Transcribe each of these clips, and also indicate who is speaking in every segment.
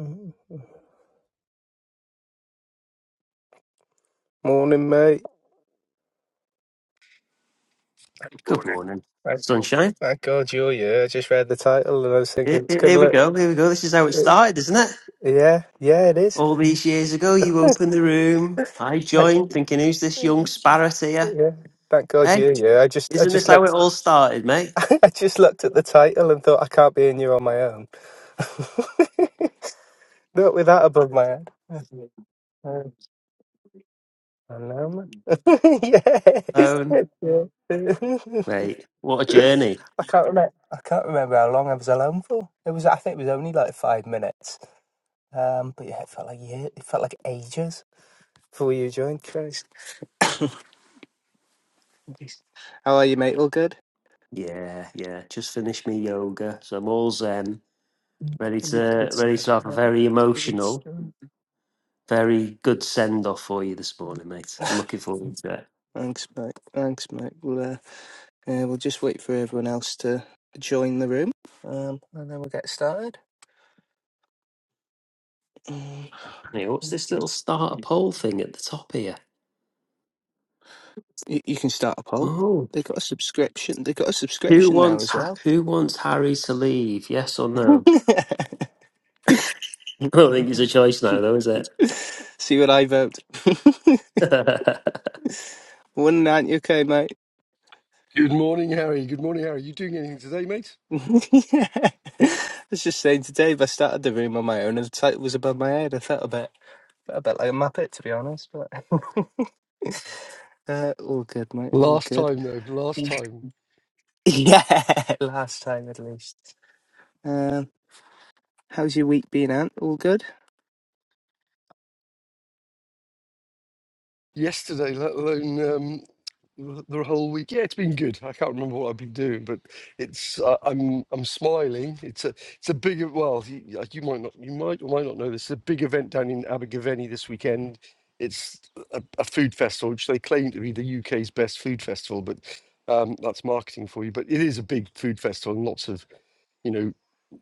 Speaker 1: Mm. Morning, mate.
Speaker 2: Good
Speaker 1: Morning.
Speaker 2: morning,
Speaker 1: Thank,
Speaker 2: sunshine.
Speaker 1: thank God you're here. I just read the title and I was thinking
Speaker 2: Here,
Speaker 1: it's
Speaker 2: here-
Speaker 1: good
Speaker 2: here we
Speaker 1: look.
Speaker 2: go. Here we go. This is how it
Speaker 1: It,
Speaker 2: started, isn't it?
Speaker 1: yeah, yeah, it is.
Speaker 2: All these years ago, you opened the room. I
Speaker 1: Thank,
Speaker 2: joined, thinking, "Who's this young
Speaker 1: yeah,
Speaker 2: sparrow's here?"
Speaker 1: thank God
Speaker 2: Hey,
Speaker 1: you're here. I just, I
Speaker 2: isn't this
Speaker 1: just
Speaker 2: how it
Speaker 1: looked,
Speaker 2: all started, mate?
Speaker 1: I just looked at the title and thought I can't be in here on my own. Not with that above my head. Uh, I know, man. yes.
Speaker 2: Um,
Speaker 1: yeah. I
Speaker 2: mate, what a journey.
Speaker 1: can't remember. I can't remember how long I was alone for. It was. I think it was only like five minutes. Um, but yeah, it felt like yeah, it felt like ages before you joined. Christ, how are you, mate? All good?
Speaker 2: Yeah, yeah. Just finished my yoga, so I'm all zen, ready
Speaker 1: All Good
Speaker 2: to ready
Speaker 1: stuff.
Speaker 2: to have a
Speaker 1: Um,
Speaker 2: very
Speaker 1: Good
Speaker 2: emotional,
Speaker 1: stuff.
Speaker 2: very good send off for you this morning, mate. I'm looking forward to it.
Speaker 1: Thanks, mate. Thanks, mate. We'll uh, uh, we'll just wait for everyone else to join the room, um, and then we'll get started. Mm.
Speaker 2: Hey, what's this little starter
Speaker 1: You,
Speaker 2: poll thing at the top here?
Speaker 1: you can start a poll.
Speaker 2: Oh,
Speaker 1: They got a subscription. They got a
Speaker 2: Who
Speaker 1: subscription now
Speaker 2: wants
Speaker 1: as
Speaker 2: Ha-
Speaker 1: well.
Speaker 2: Who wants Harry to leave? Yes or no? I don't think it's a choice now, though, is it?
Speaker 1: See what I vote.
Speaker 2: I-
Speaker 1: One ninety, okay, mate.
Speaker 3: Good morning, Harry. Good morning, Harry. You doing anything today, mate?
Speaker 1: Yeah, I was just saying today, if I started the room on my own and the title was above my head, I felt a bit, felt a bit like a muppet, to be honest. But uh, all good, mate. All
Speaker 3: Last
Speaker 1: good.
Speaker 3: time, though. Last
Speaker 1: Yeah,
Speaker 3: time.
Speaker 1: Yeah, last time at least. Um, how's your week been, Ant? All good.
Speaker 3: Yesterday, let alone um, the the whole week. Yeah, it's been good. I can't remember what I've been doing, but it's. Uh, I'm. I'm smiling. It's a. It's a big. Well, you, uh, you might not. You might or might not know this. It's a big event down in Abergavenny this weekend. It's a, a food festival, which they claim to be the UK's best food festival, but um, that's marketing for you. But it is a big food festival, and lots of you know,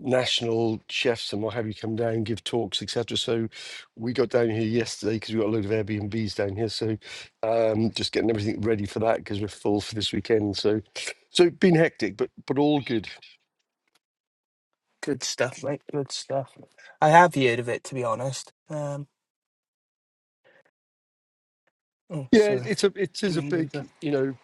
Speaker 3: national chefs and what have you come down, give talks, etc. So we got down here yesterday because we got a load of Airbnbs down here. So um, just getting everything ready for that because we're full for this weekend. So so been hectic, but but all good.
Speaker 1: Good stuff, mate. Good stuff. I have heard of it, to be honest. Um, oh,
Speaker 3: Yeah, it-
Speaker 1: sorry.
Speaker 3: it's a it is a big you know.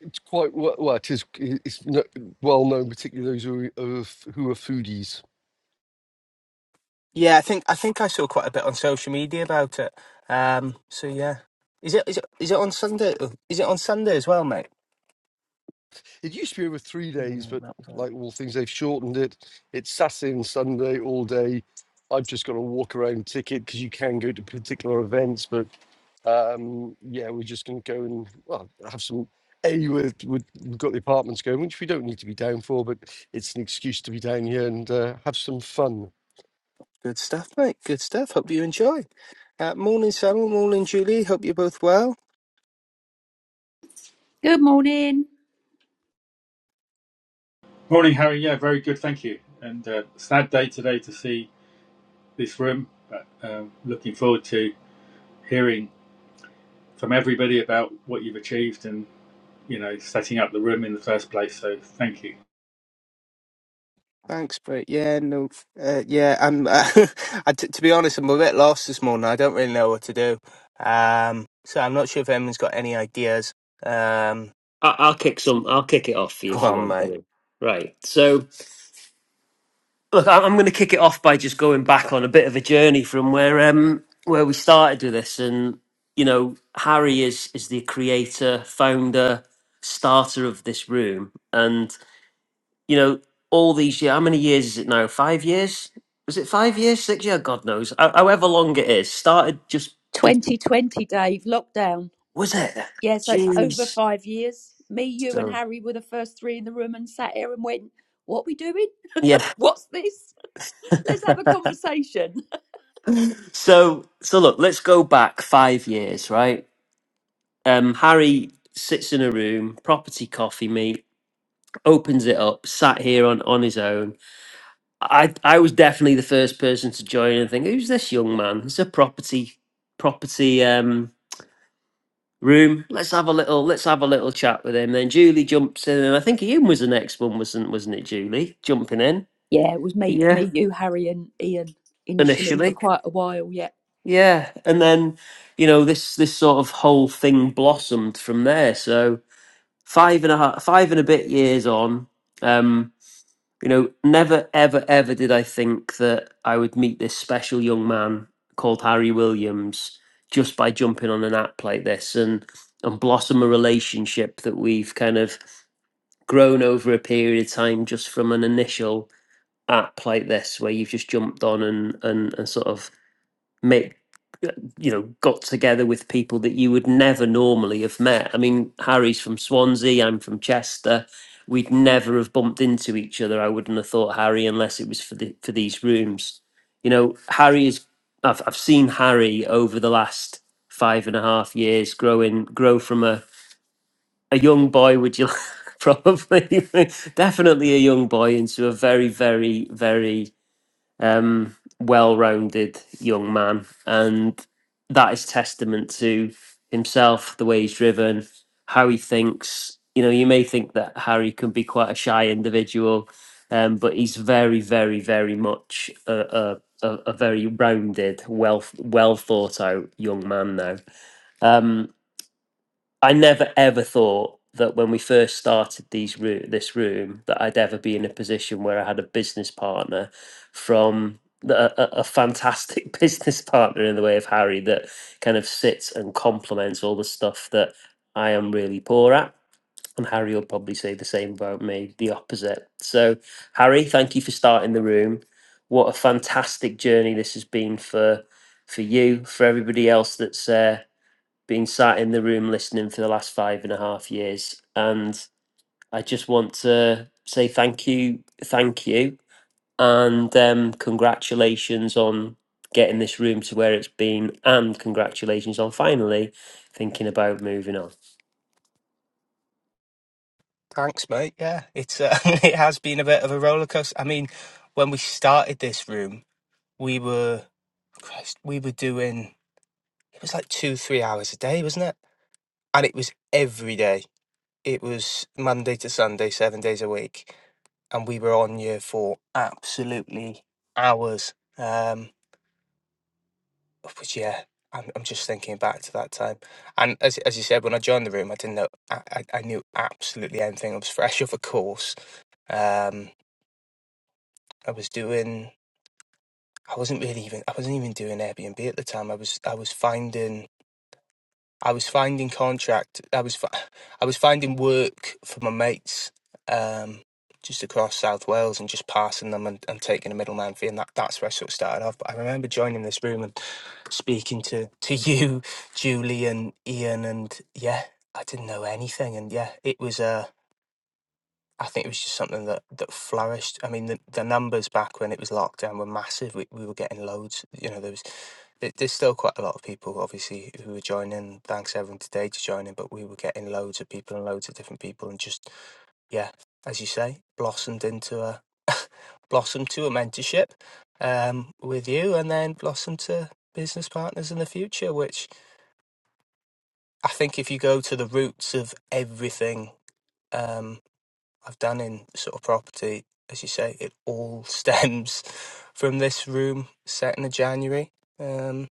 Speaker 3: It's quite well. well it is. It's no, well known, particularly those who are, who are f- who are foodies.
Speaker 1: Yeah, I think I think I saw quite a bit on social media about it. Um, so yeah, is it is it is it on Sunday? Oh, Is it on Sunday as well, mate?
Speaker 3: It used to be over three days,
Speaker 1: Yeah,
Speaker 3: but
Speaker 1: that was all.
Speaker 3: like all things, they've shortened it. It's Saturday and Sunday all day. I've just got a walk around ticket because you can go to particular events, but um, yeah, we're just going to go and well have some. A, we've, we've we've got the apartments going, which we don't need to be down for, but it's an excuse to be down here and uh, have some fun.
Speaker 1: Good stuff, mate. Good stuff. Hope you enjoy. Uh, morning, Samuel. Morning, Julie. Hope you're both well.
Speaker 4: Good morning.
Speaker 5: Morning, Harry. Yeah, very good. Thank you. And uh, sad day today to see this room, but um, looking forward to hearing from everybody about what you've achieved and, you know, setting up the room in the first place. So thank you.
Speaker 1: Thanks, mate. Yeah, no, uh, yeah. I'm. Uh, I, t- to be honest, I'm a bit lost this morning. I don't really know what to do. Um, so I'm not sure if anyone's got any ideas. Um,
Speaker 2: I'll kick some. I'll kick it off for you
Speaker 1: come
Speaker 2: if you
Speaker 1: on,
Speaker 2: want,
Speaker 1: mate.
Speaker 2: buddy. Right. So look, I- I'm going to kick it off by just going back on a bit of a journey from where um where we started with this, and you know Harry is is the creator, founder, starter of this room, and you know, all these years, how many years is it now? Five years? Was it five years? Six years? God knows. Ho- However long it is, started just, just
Speaker 4: 2020, Dave, lockdown.
Speaker 2: was it?
Speaker 4: But yeah, so it's over
Speaker 2: Jeez.
Speaker 4: five years. Me, you, and
Speaker 2: So
Speaker 4: Harry were the first three in the room and sat here and went, What we doing?
Speaker 2: yeah.
Speaker 4: What's this? Let's have a conversation.
Speaker 2: so so look, let's go back five years, right? Um, Harry sits in a room, property coffee meet, opens it up, sat here on on his own. I I was definitely the first person to join and think, who's this young man? He's a property property. Um, room. Let's have a little. Let's have a little chat with him. Then Julie jumps in, and I think Ian was the next one, wasn't wasn't it? Julie jumping in.
Speaker 4: Yeah, it was me,
Speaker 2: Yeah,
Speaker 4: me, you, Harry, and Ian initially for
Speaker 2: initially.
Speaker 4: quite a while. Yeah.
Speaker 2: Yeah, and then you know this this sort of whole thing blossomed from there. So five and a half, five and a bit years on. Um, you know, never ever ever did I think that I would meet this special young man called Harry Williams just by jumping on an app like this and and blossom a relationship that we've kind of grown over a period of time just from an initial app like this where you've just jumped on and and, and sort of make you know got together with people that you would never normally have met i mean harry's from swansea i'm from chester we'd never have bumped into each other i wouldn't have thought harry unless it was for the for these rooms you know harry is i've, I've seen harry over the last five and a half years growing grow from a a young boy would you probably definitely a young boy into a very very very um well-rounded young man and that is testament to himself the way he's driven how he thinks you know you may think that harry can be quite a shy individual um but he's very very very much a, a a, a very rounded, well well thought out young man now. Um, I never ever thought that when we first started these room, this room, that I'd ever be in a position where I had a business partner from the- a, a, fantastic business partner in the way of Harry that kind of sits and complements all the stuff that I am really poor at. And Harry will probably say the same about me, the opposite. So, Harry, thank you for starting the room. What a fantastic journey this has been for for you, for everybody else that's uh, been sat in the room listening for the last five and a half years. And I just want to say thank you, thank you, and um, congratulations on getting this room to where it's been, and congratulations on finally thinking about moving on.
Speaker 1: Thanks, mate. Yeah, it's uh, it has been a bit of a roller coaster. I mean, when we started this room, we were Christ, we were doing it was like two, three hours a day, wasn't it? And it was every day. It was Monday to Sunday, seven days a week, and we were on you for absolutely hours. Um, but yeah, I'm, I'm just thinking back to that time. And as as you said, when I joined the room, I didn't know I, I, I knew absolutely anything. I was fresh off a course. Um, I was doing. I wasn't really even I wasn't even doing Airbnb at the time. I was I was finding I was finding contract. I was fi- I was finding work for my mates um, just across South Wales and just passing them and, and taking a middleman fee. And that, that's where I sort of started off. But I remember joining this room and speaking to to you, Julie and Ian, and yeah, I didn't know anything. And yeah, it was. uh, I think it was just something that that flourished. I mean, the, the numbers back when it was lockdown were massive. We, we were getting loads. You know, there was there- there's still quite a lot of people, obviously, who were joining. Thanks everyone today to joining, but we were getting loads of people and loads of different people, and just yeah, as you say, blossomed into a blossomed to a mentorship um, with you, and then blossomed to business partners in the future. Which I think, if you go to the roots of everything. Um, I've done in sort of property, as you say, it all stems from this room set in the January. Um,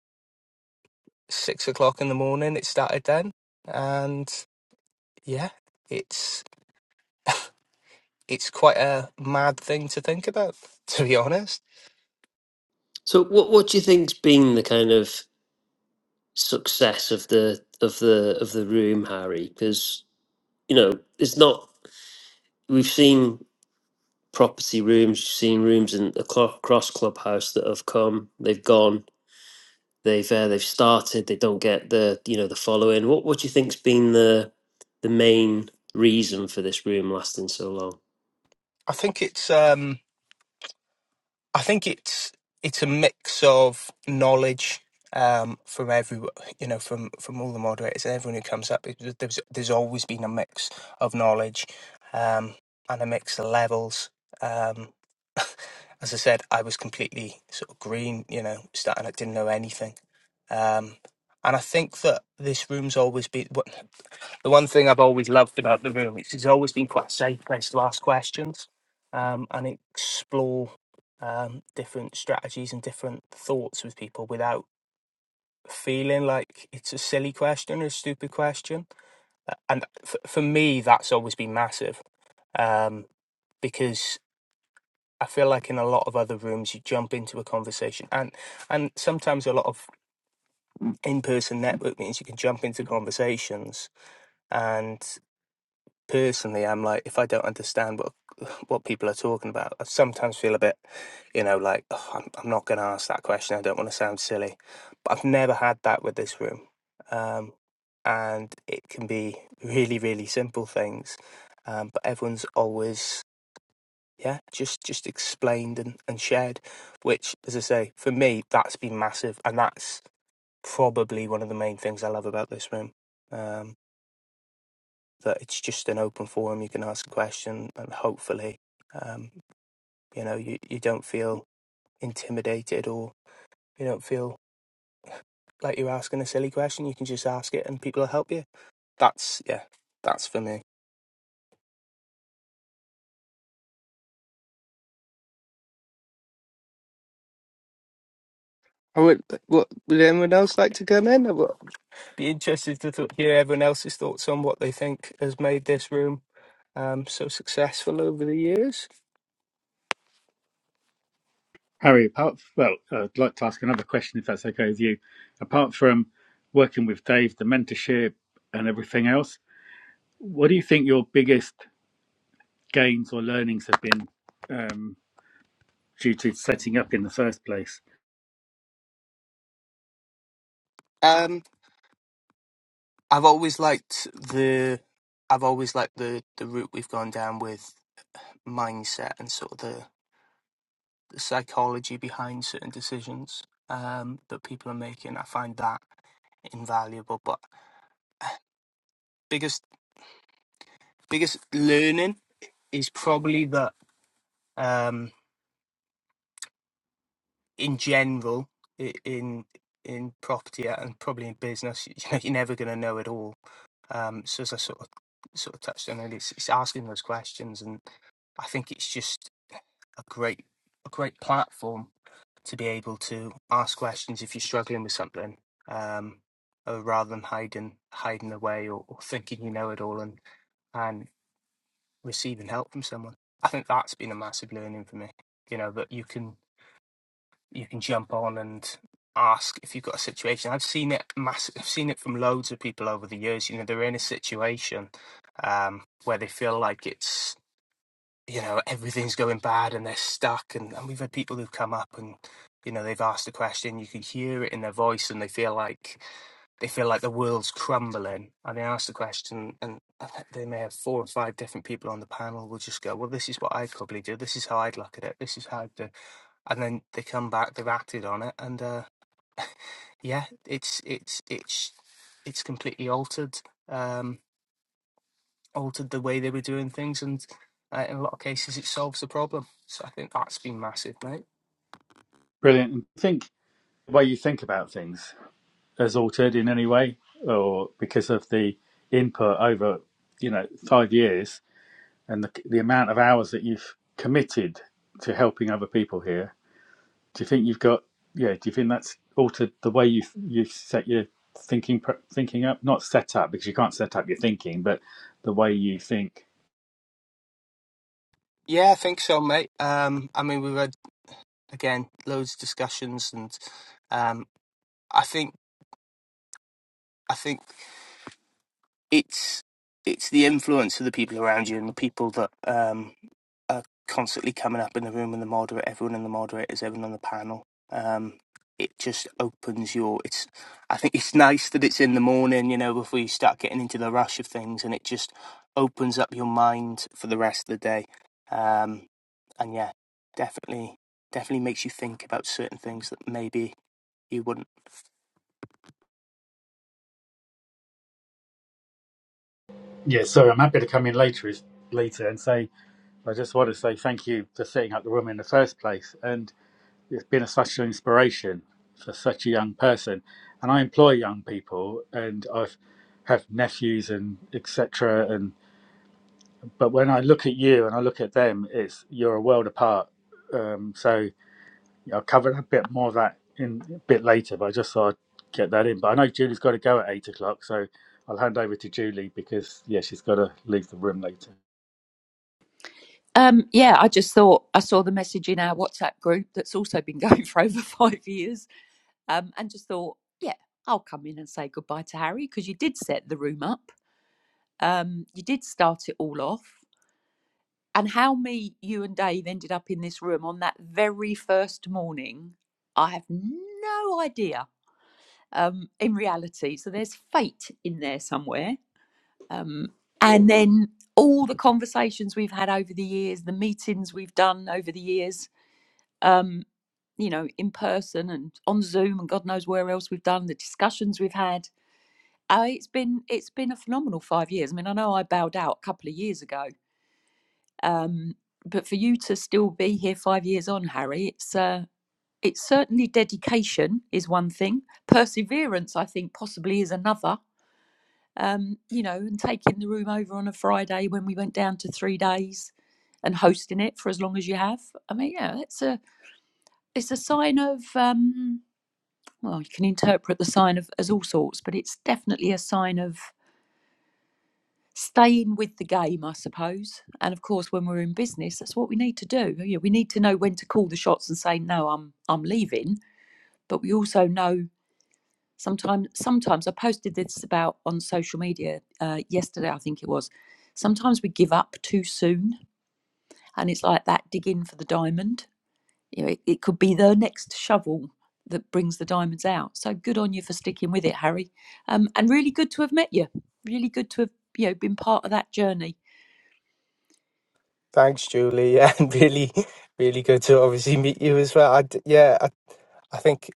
Speaker 1: six o'clock in the morning, it started then, and yeah, it's it's quite a mad thing to think about, to be honest.
Speaker 2: So, what what do you think's been the kind of success of the of the of the room, Harry? Because you know, it's not we've seen property rooms, we've seen rooms in across across clubhouse that have come, they've gone, they've uh, they've started. They don't get the you know the following. What what do you think's been the the main reason for this room lasting so long?
Speaker 1: I think it's um I think it's it's a mix of knowledge um, from every you know from from all the moderators and everyone who comes up. it- There's there's always been a mix of knowledge um, and a mix of levels. Um, as I said, I was completely sort of green, you know, starting I didn't know anything, um, and I think that this room's always been the one thing I've always loved about the room is it's always been quite a safe place to ask questions um, and explore um, different strategies and different thoughts with people without feeling like it's a silly question or a stupid question. Uh, And for, for me, that's always been massive um, because I feel like in a lot of other rooms, you jump into a conversation, and and sometimes a lot of in-person network meetings, you can jump into conversations and. personally, I'm like, if I don't understand what what people are talking about, I sometimes feel a bit, you know, like "Ugh, I'm, I'm not going to ask that question. I don't want to sound silly, but I've never had that with this room, um, and it can be really, really simple things, um, but everyone's always yeah just just explained and, and shared which as i say for me that's been massive and that's probably one of the main things i love about this room Um, that it's just an open forum. You can ask a question, and hopefully, um, you know, you, you don't feel intimidated or you don't feel like you're asking a silly question. You can just ask it, and people will help you. That's yeah, that's for me. I would. What would anyone else like to come in? I would be interested to th- hear everyone else's thoughts on what they think has made this room um, so successful over the years.
Speaker 5: Harry, apart well, I'd like to ask another question if that's okay with you. Apart from working with Dave, the mentorship and everything else, what do you think your biggest gains or learnings have been um, due to setting up in the first place?
Speaker 1: Um, I've always liked the. I've always liked the the route we've gone down with mindset and sort of the, the psychology behind certain decisions um, that people are making. I find that invaluable. But uh, biggest biggest learning is probably that um, in general i- in in property and probably in business, you know, you're never going to know it all. Um, so as I sort of sort of touched on it, it's, it's asking those questions, and I think it's just a great a great platform to be able to ask questions if you're struggling with something, um, uh, rather than hiding hiding away or, or thinking you know it all and and receiving help from someone. I think that's been a massive learning for me. You know that you can you can jump on and ask if you've got a situation. I've seen it mass. I've seen it from loads of people over the years. You know they're in a situation um, where they feel like it's you know everything's going bad and they're stuck and, and we've had people who've come up and you know they've asked a question you can hear it in their voice and they feel like they feel like the world's crumbling and they ask the question and I think they may have four or five different people on the panel will just go well this is what i'd probably do this is how i'd look at it this is how i'd do and then they come back they've acted on it and uh yeah it's it's it's it's completely altered Um, altered the way they were doing things, and uh, in a lot of cases, it solves the problem. So I think that's been massive, mate.
Speaker 5: Brilliant. And think the way you think about things. has altered in any way or because of the input over you know five years and the, the amount of hours that you've committed to helping other people here do you think you've got yeah do you think that's altered the way you've you've set your thinking thinking up not set up because you can't set up your thinking but the way you think
Speaker 1: Yeah, I think so, mate. Um, I mean, we've had again loads of discussions, and um, I think I think. it's it's the influence of the people around you and the people that um, are constantly coming up in the room and the moderator, everyone in the moderators, everyone on the panel. Um, it just opens your. It's. I think it's nice that it's in the morning, you know, before you start getting into the rush of things, and it just opens up your mind for the rest of the day. Um, and yeah, definitely, definitely makes you think about certain things that maybe you wouldn't.
Speaker 5: yeah so i'm happy to come in later later and say i just want to say thank you for setting up the room in the first place and It's been a, such an inspiration for such a young person, and I employ young people, and I've have nephews and etc. And but when I look at you and I look at them, it's you're a world apart. Um, so yeah, I'll cover a bit more of that in a bit later, but I just thought I'd get that in. But I know Julie's got to go at eight o'clock, so I'll hand over to Julie because yeah, she's got to leave the room later.
Speaker 4: Um, yeah, I just thought I saw the message in our WhatsApp group that's also been going for over five years, um, and just thought, yeah, I'll come in and say goodbye to Harry because you did set the room up. um, you did start it all off, and how me, you, and Dave ended up in this room on that very first morning, I have no idea. Um, in reality, so there's fate in there somewhere, um, and then all the conversations we've had over the years, the meetings we've done over the years, um, you know, in person and on Zoom, and God knows where else we've done the discussions we've had. Uh, it's been it's been a phenomenal five years. I mean, I know I bowed out a couple of years ago, Um, but for you to still be here five years on, Harry, it's uh, it's certainly dedication is one thing. Perseverance, I think, possibly is another. Um, you know, and taking the room over on a Friday when we went down to three days, and hosting it for as long as you have. I mean, yeah, it's a it's a sign of um, well, you can interpret the sign of as all sorts, but it's definitely a sign of staying with the game, I suppose. And of course, when we're in business, that's what we need to do. You know, we need to know when to call the shots and say, "No, I'm I'm leaving." But we also know sometimes. Sometimes I posted this about on social media uh, yesterday. I think it was. Sometimes we give up too soon, and it's like that digging for the diamond. You know, it, it could be the next shovel that brings the diamonds out. So good on you for sticking with it, Harry. Um, and really good to have met you. Really good to have you know been part of that journey.
Speaker 1: Thanks, Julie. Yeah, and really, really good to obviously meet you as well. I d yeah, I, I think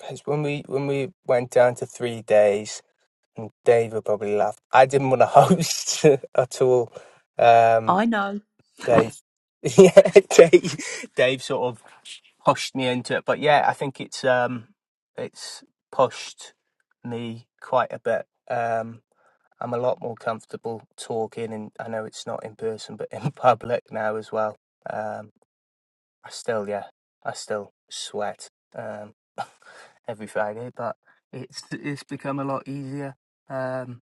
Speaker 1: 'cause when we when we went down to three days, and Dave would probably laugh. I didn't want to host at all. Um,
Speaker 4: I know
Speaker 1: Dave, yeah, Dave, Dave sort of pushed me into it. But yeah, I think it's um, it's pushed me quite a bit. Um, I'm a lot more comfortable talking, and I know it's not in person, but in public now as well. Um, I still, yeah, I still sweat um, every Friday, but it's it's become a lot easier. Um,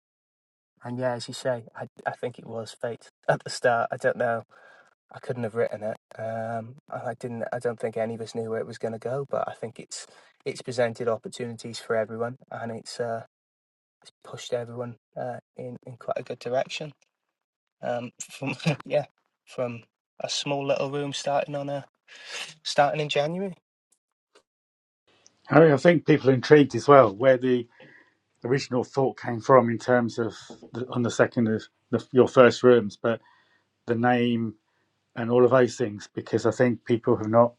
Speaker 1: and yeah, as you say, I I think it was fate at the start. I don't know. I couldn't have written it. Um, and I didn't. I don't think any of us knew where it was going to go. But I think it's it's presented opportunities for everyone, and it's uh, pushed everyone uh, in in quite a good direction. Um, from yeah, from a small little room starting on a starting in January.
Speaker 5: Harry, I think people are intrigued as well where the original thought came from in terms of the, on the second of the, your first rooms, but the name and all of those things, because I think people have not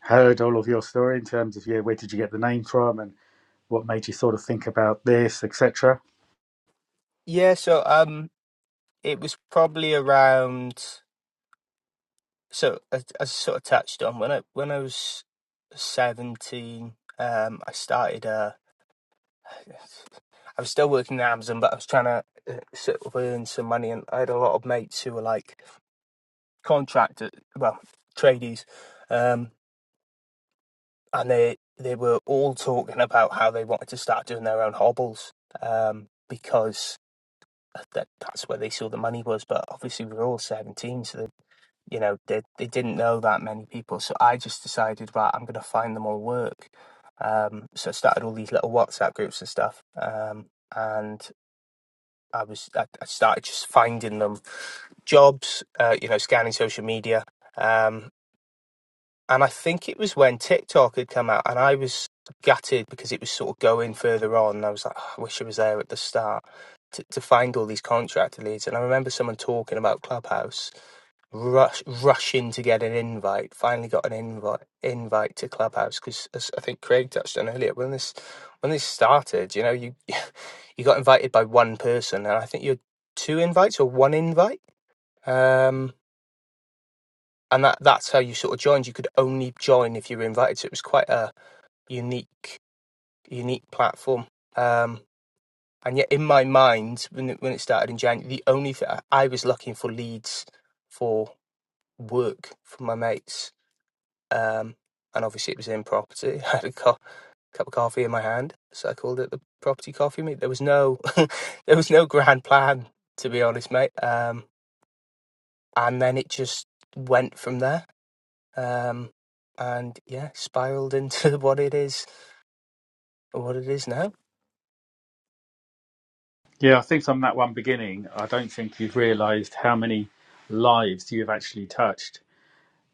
Speaker 5: heard all of your story in terms of yeah, where did you get the name from and what made you sort of think about this, etc.
Speaker 1: Yeah, so um, it was probably around. So as as I sort of touched on when I when I was seventeen, um, I started. Uh, I was still working at Amazon, but I was trying to uh, sort of earn some money, and I had a lot of mates who were like contractor, well, tradies, um, and they they were all talking about how they wanted to start doing their own hobbles, um, because that that's where they saw the money was. But obviously, we were all seventeen, so they, you know they they didn't know that many people. So I just decided, right, I'm going to find them all work. Um, so I started all these little WhatsApp groups and stuff, um, and I was I, I started just finding them jobs, uh, you know, scanning social media. Um, and I think it was when TikTok had come out, and I was gutted because it was sort of going further on. And I was like, "Ah, I wish I was there at the start to, to find all these contractor leads. And I remember someone talking about Clubhouse, rush, rushing to get an invite. Finally got an invite invite to Clubhouse because, as I think Craig touched on earlier, when this when this started, you know, you you got invited by one person, and I think you had two invites or one invite. Um, and that that's how you sort of joined. You could only join if you were invited, so it was quite a unique unique platform. Um, and yet, in my mind, when it, when it started in January, the only thing I was looking for leads for work from my mates, um, and obviously it was in property. I had a co- cup of coffee in my hand, so I called it the property coffee meet. There was no there was no grand plan, to be honest, mate. Um, and then it just went from there Um, and yeah, spiraled into what it is, what it is now.
Speaker 5: Yeah, I think from that one beginning, I don't think you've realised how many lives you've actually touched,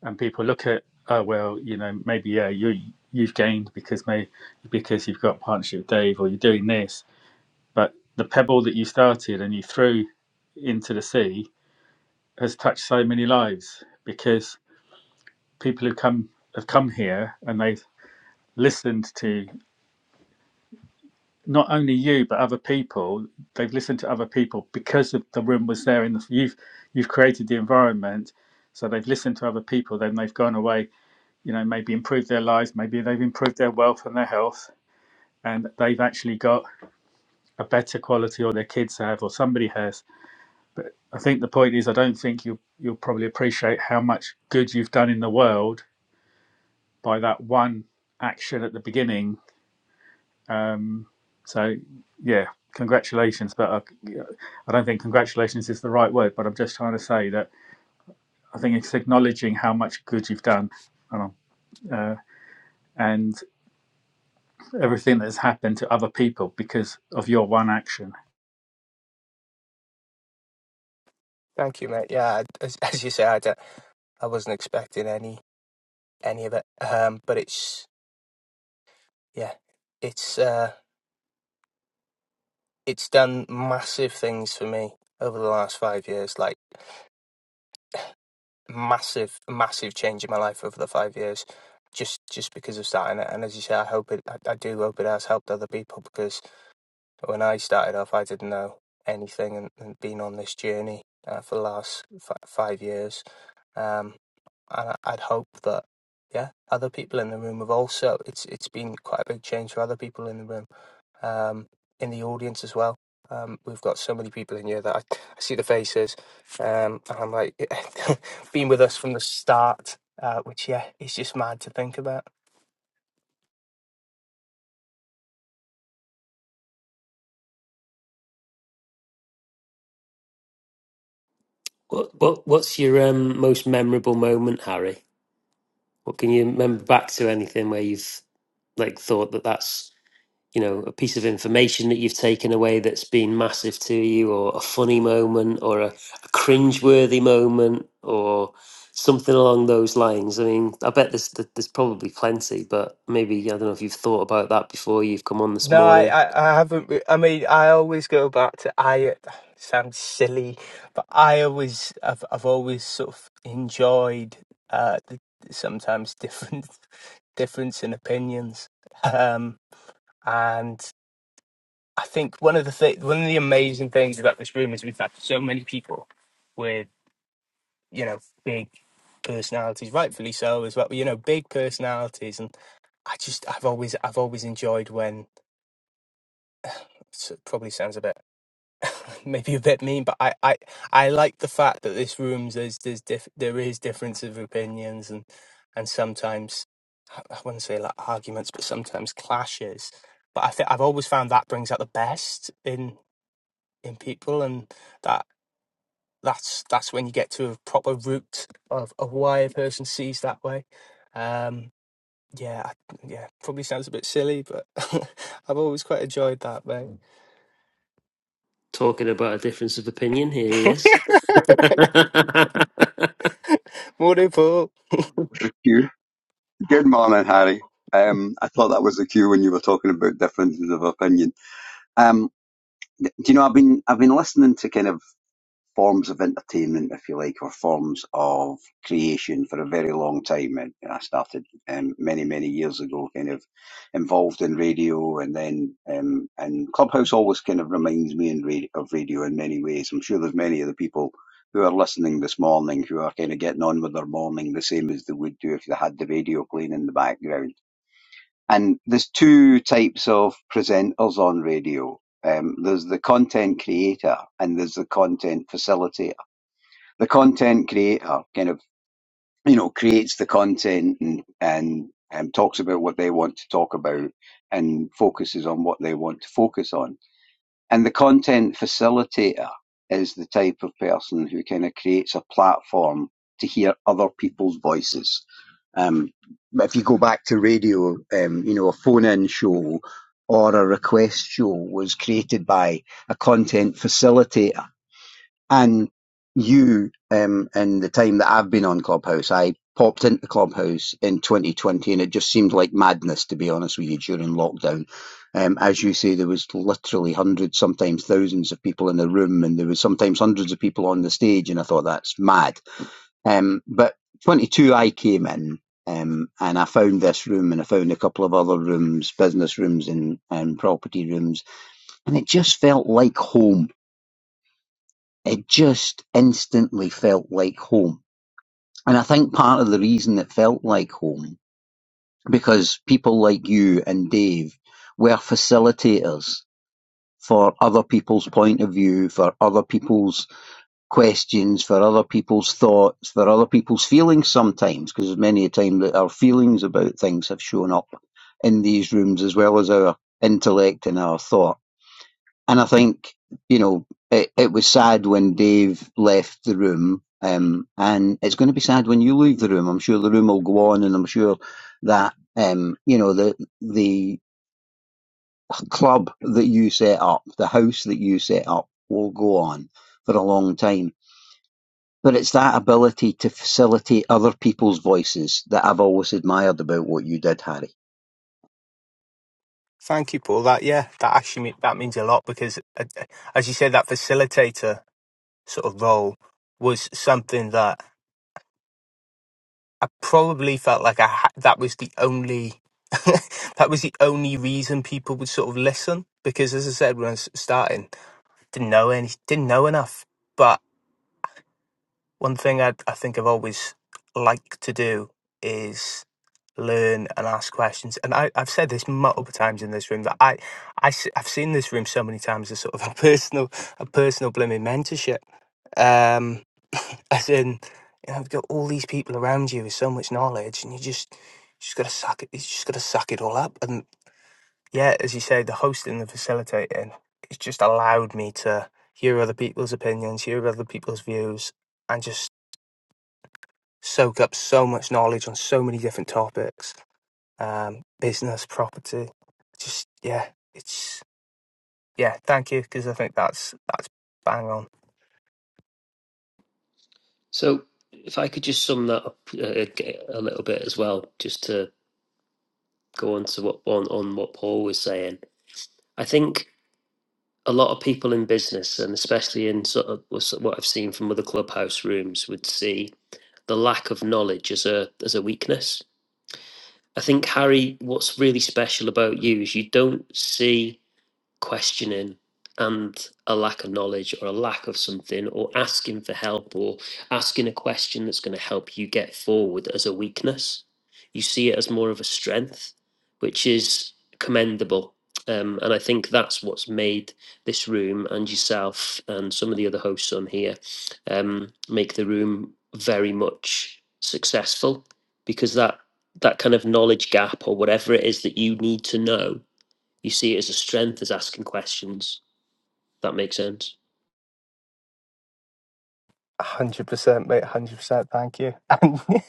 Speaker 5: and people look at oh well, you know maybe yeah you you've gained because may because you've got a partnership with Dave or you're doing this, But the pebble that you started and you threw into the sea has touched so many lives because people who come have come here and they've listened to not only you but other people. They've listened to other people because of the room was there in the you've you've created the environment. So they've listened to other people, then they've gone away, you know, maybe improved their lives, maybe they've improved their wealth and their health, and they've actually got a better quality or their kids have or somebody has But I think the point is, I don't think you'll you'll probably appreciate how much good you've done in the world by that one action at the beginning. Um, so, yeah, congratulations. But I, I don't think congratulations is the right word. But I'm just trying to say that I think it's acknowledging how much good you've done, and, uh, and everything that's happened to other people because of your one action.
Speaker 1: Thank you, mate. Yeah, I- as, as you say, I, d- I wasn't expecting any any of it. Um, but it's yeah, it's uh, it's done massive things for me over the last five years. Like massive, massive change in my life over the five years. Just, just because of starting it, and as you say, I hope it. I, I do hope it has helped other people because But When I started off, I didn't know anything and, and been on this journey uh, for the last f- five years. Um, and I- I'd hope that, yeah, other people in the room have also, it's it's been quite a big change for other people in the room, um, in the audience as well. Um, we've got so many people in here that I, I see the faces, um, and I'm like, been with us from the start, uh, which, yeah, it's just mad to think about.
Speaker 2: What what what's your um, most memorable moment, Harry? What can you remember back to anything where you've like thought that that's you know a piece of information that you've taken away that's been massive to you or a funny moment or a, a cringeworthy moment or something along those lines i mean i bet there's th- there's probably plenty but maybe i don't know if you've thought about that before you've come on this
Speaker 1: No, I,
Speaker 2: morning
Speaker 1: I, I haven't. re- I mean, I always go back to I. Sounds silly, but I always, I've, I've always sort of enjoyed uh, the, the sometimes different difference in opinions. Um, and I think one of the th- one of the amazing things about this room is we've had so many people with you know big personalities, rightfully so as well. You know, big personalities, and I just I've always I've always enjoyed when so it probably sounds a bit. maybe a bit mean, but I, I, I like the fact that this room's there's there's diff, there is difference of opinions and and sometimes I I wouldn't say like arguments, but sometimes clashes. But I think I've always found that brings out the best in in people, and that that's that's when you get to a proper root of, of why a person sees that way. Um, yeah, I- yeah, probably sounds a bit silly, but I've always quite enjoyed that, mate.
Speaker 2: talking about a difference of opinion here he is
Speaker 1: Morning, Paul.
Speaker 6: The cue. Good morning, Harry. Um, I thought that was the cue when you were talking about differences of opinion. Um, do you know I've been I've been listening to kind of forms of entertainment, if you like, or forms of creation for a very long time. And I started um, many, many years ago, kind of involved in radio, and then um, and Clubhouse always kind of reminds me in radio, of radio in many ways. I'm sure there's many of the people who are listening this morning who are kind of getting on with their morning the same as they would do if they had the radio playing in the background. And there's two types of presenters on radio um, there's the content creator and there's the content facilitator the content creator kind of you know creates the content and and um, talks about what they want to talk about and focuses on what they want to focus on and the content facilitator is the type of person who kind of creates a platform to hear other people's voices um, but if you go back to radio um, you know a phone in show or a request show was created by a content facilitator and you, um, in the time that I've been on Clubhouse, I popped into Clubhouse in 2020, and it just seemed like madness, to be honest with you, during lockdown. Um, as you say, there was literally hundreds, sometimes thousands of people in the room, and there was sometimes hundreds of people on the stage, and I thought that's mad. Um, but 22, I came in. Um, and I found this room and I found a couple of other rooms, business rooms and, and property rooms, and it just felt like home it just instantly felt like home. And I think part of the reason it felt like home, because people like you and Dave were facilitators for other people's point of view, for other people's questions, for other people's thoughts, for other people's feelings sometimes, because many a time that our feelings about things have shown up in these rooms as well as our intellect and our thought and I think, you know, it, it was sad when Dave left the room, um, and it's going to be sad when you leave the room. I'm sure the room will go on, and I'm sure that um, you know the the club that you set up, the house that you set up, will go on for a long time. But it's that ability to facilitate other people's voices that I've always admired about what you did, Harry.
Speaker 1: Thank you, Paul. That yeah, that actually me- that means a lot because, uh, as you say, that facilitator sort of role was something that I probably felt like I ha- that was the only that was the only reason people would sort of listen because, as I said when I was starting, didn't know any, didn't know enough. But one thing I I think I've always liked to do is learn and ask questions. And I, I've said this multiple times in this room that I, I have seen this room so many times as sort of a personal a personal blooming mentorship um, as in, you know, you've got all these people around you with so much knowledge, and you just just gotta suck it. You just gotta suck it all up. And yeah, as you say, the hosting, the facilitating, it's just allowed me to hear other people's opinions, hear other people's views, and just soak up so much knowledge on so many different topics, um, business, property. Just yeah, it's yeah. Thank you, because I think that's that's bang on.
Speaker 2: so if i could just sum that up uh, a little bit as well just to go on to what on, on what paul was saying i think a lot of people in business, and especially in sort of what I've seen from other clubhouse rooms, would see the lack of knowledge as a as a weakness. I think Harry, what's really special about you is you don't see questioning and a lack of knowledge or a lack of something or asking for help or asking a question that's going to help you get forward as a weakness you see it as more of a strength which is commendable um, and i think that's what's made this room and yourself and some of the other hosts on here um, make the room very much successful because that that kind of knowledge gap or whatever it is that you need to know you see it as a strength as asking questions. That makes sense.
Speaker 1: hundred percent, mate. Hundred percent. Thank you. And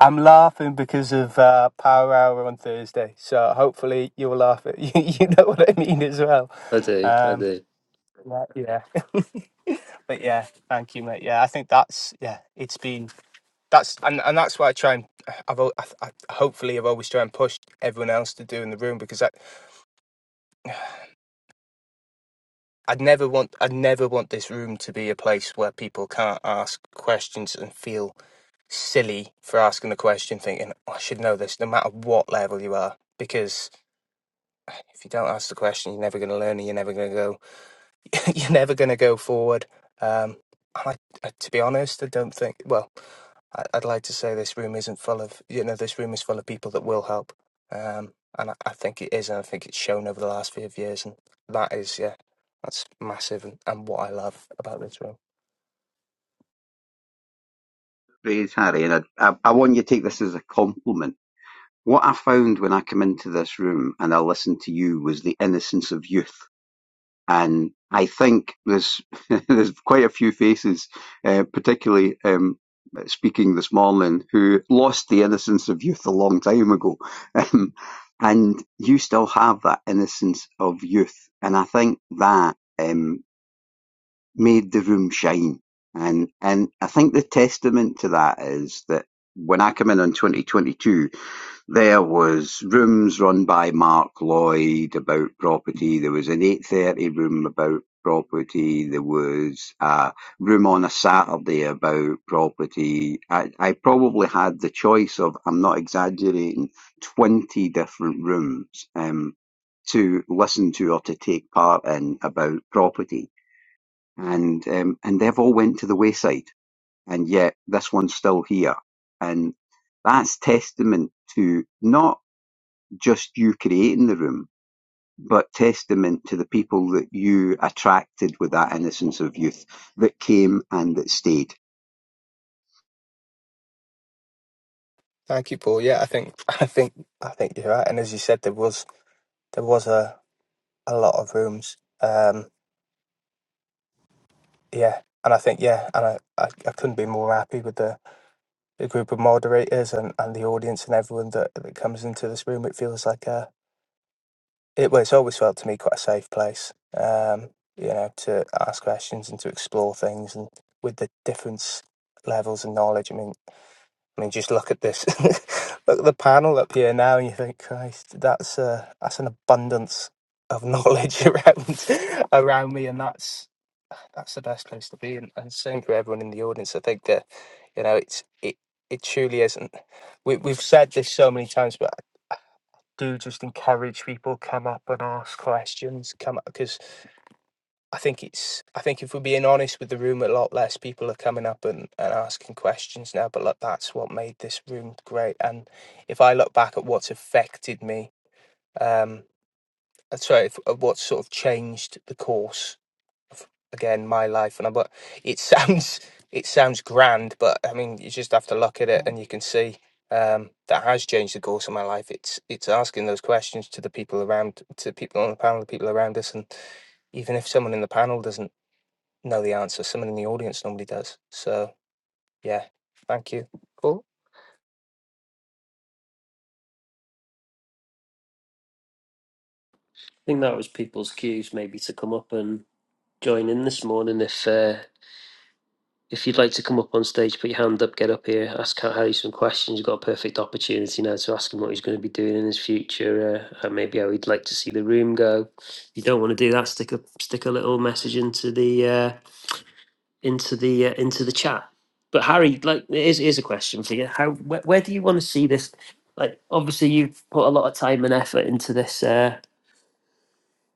Speaker 1: I'm laughing because of uh, Power Hour on Thursday, so hopefully you'll laugh at you. You know what I mean as well.
Speaker 2: I do, I
Speaker 1: Um,
Speaker 2: do. I
Speaker 1: yeah, yeah. But yeah, thank you, mate. Yeah, I think that's yeah. It's been that's and, and that's why I try and I've al- I, I, hopefully I've always tried and pushed everyone else to do in the room because I I'd never want I'd never want this room to be a place where people can't ask questions and feel silly for asking the question, thinking, "Oh, I should know this no matter what level you are. Because if you don't ask the question, you're never going to learn and you're never going to go, you're never going to go forward. Um, I, I, to be honest, I don't think, well, I, I'd like to say this room isn't full of, you know, this room is full of people that will help. Um, and I, I think it is, and I think it's shown over the last few years. And that is, yeah, that's massive and, and what I love about this room.
Speaker 6: Praise Harry, and I, I, I want you to take this as a compliment. What I found when I came into this room and I listened to you was the innocence of youth. and I think there's there's quite a few faces, uh, particularly um, speaking this morning, who lost the innocence of youth a long time ago, um, and you still have that innocence of youth, and I think that um, made the room shine, and and I think the testament to that is that when I come in on 2022. There was rooms run by Mark Lloyd about property. There was an 8.30 room about property. There was a room on a Saturday about property. I, I probably had the choice of, I'm not exaggerating, 20 different rooms um, to listen to or to take part in about property. And, um, and they've all went to the wayside. And yet this one's still here. And that's testament to not just you creating the room, but testament to the people that you attracted with that innocence of youth that came and that stayed.
Speaker 1: Thank you, Paul. Yeah, I think I think I think you're right. And as you said, there was there was a, a lot of rooms. Um, yeah, and I think yeah, and I, I, I couldn't be more happy with the, the group of moderators and, and the audience and everyone that, that comes into this room. It feels like a it well, it's always felt to me quite a safe place. Um, you know, to ask questions and to explore things and with the difference levels of knowledge. I mean, I mean, just look at this, look at the panel up here now, and you think, Christ, that's uh, that's an abundance of knowledge around around me, and that's that's the best place to be. And, and same for everyone in the audience. I think that you know, it's it it truly isn't. We we've said this so many times, but I do just encourage people come up and ask questions. Come up because I think it's I think if we're being honest with the room, a lot less people are coming up and, and asking questions now. But look, that's what made this room great. And if I look back at what's affected me, um, uh, sorry, if, of what sort of changed the course of again my life. And I but it sounds it sounds grand, but I mean you just have to look at it and you can see um, that has changed the course of my life. It's it's asking those questions to the people around, to people on the panel, the people around us, and even if someone in the panel doesn't know the answer. Someone in the audience normally does. So yeah, thank you. Cool.
Speaker 2: think that was people's cues maybe to come up and join in this morning. If uh, if you'd like to come up on stage, put your hand up, get up here, ask Cat Harry some questions. You've got a perfect opportunity now to ask him what he's going to be doing in his future, uh, and maybe how he'd like to see the room go. If you don't want to do that, stick a stick a little message into the uh, into the uh, into the chat. But Harry, like, here's, here's a question for you: How where, where do you want to see this? Like, obviously, you've put a lot of time and effort into this uh,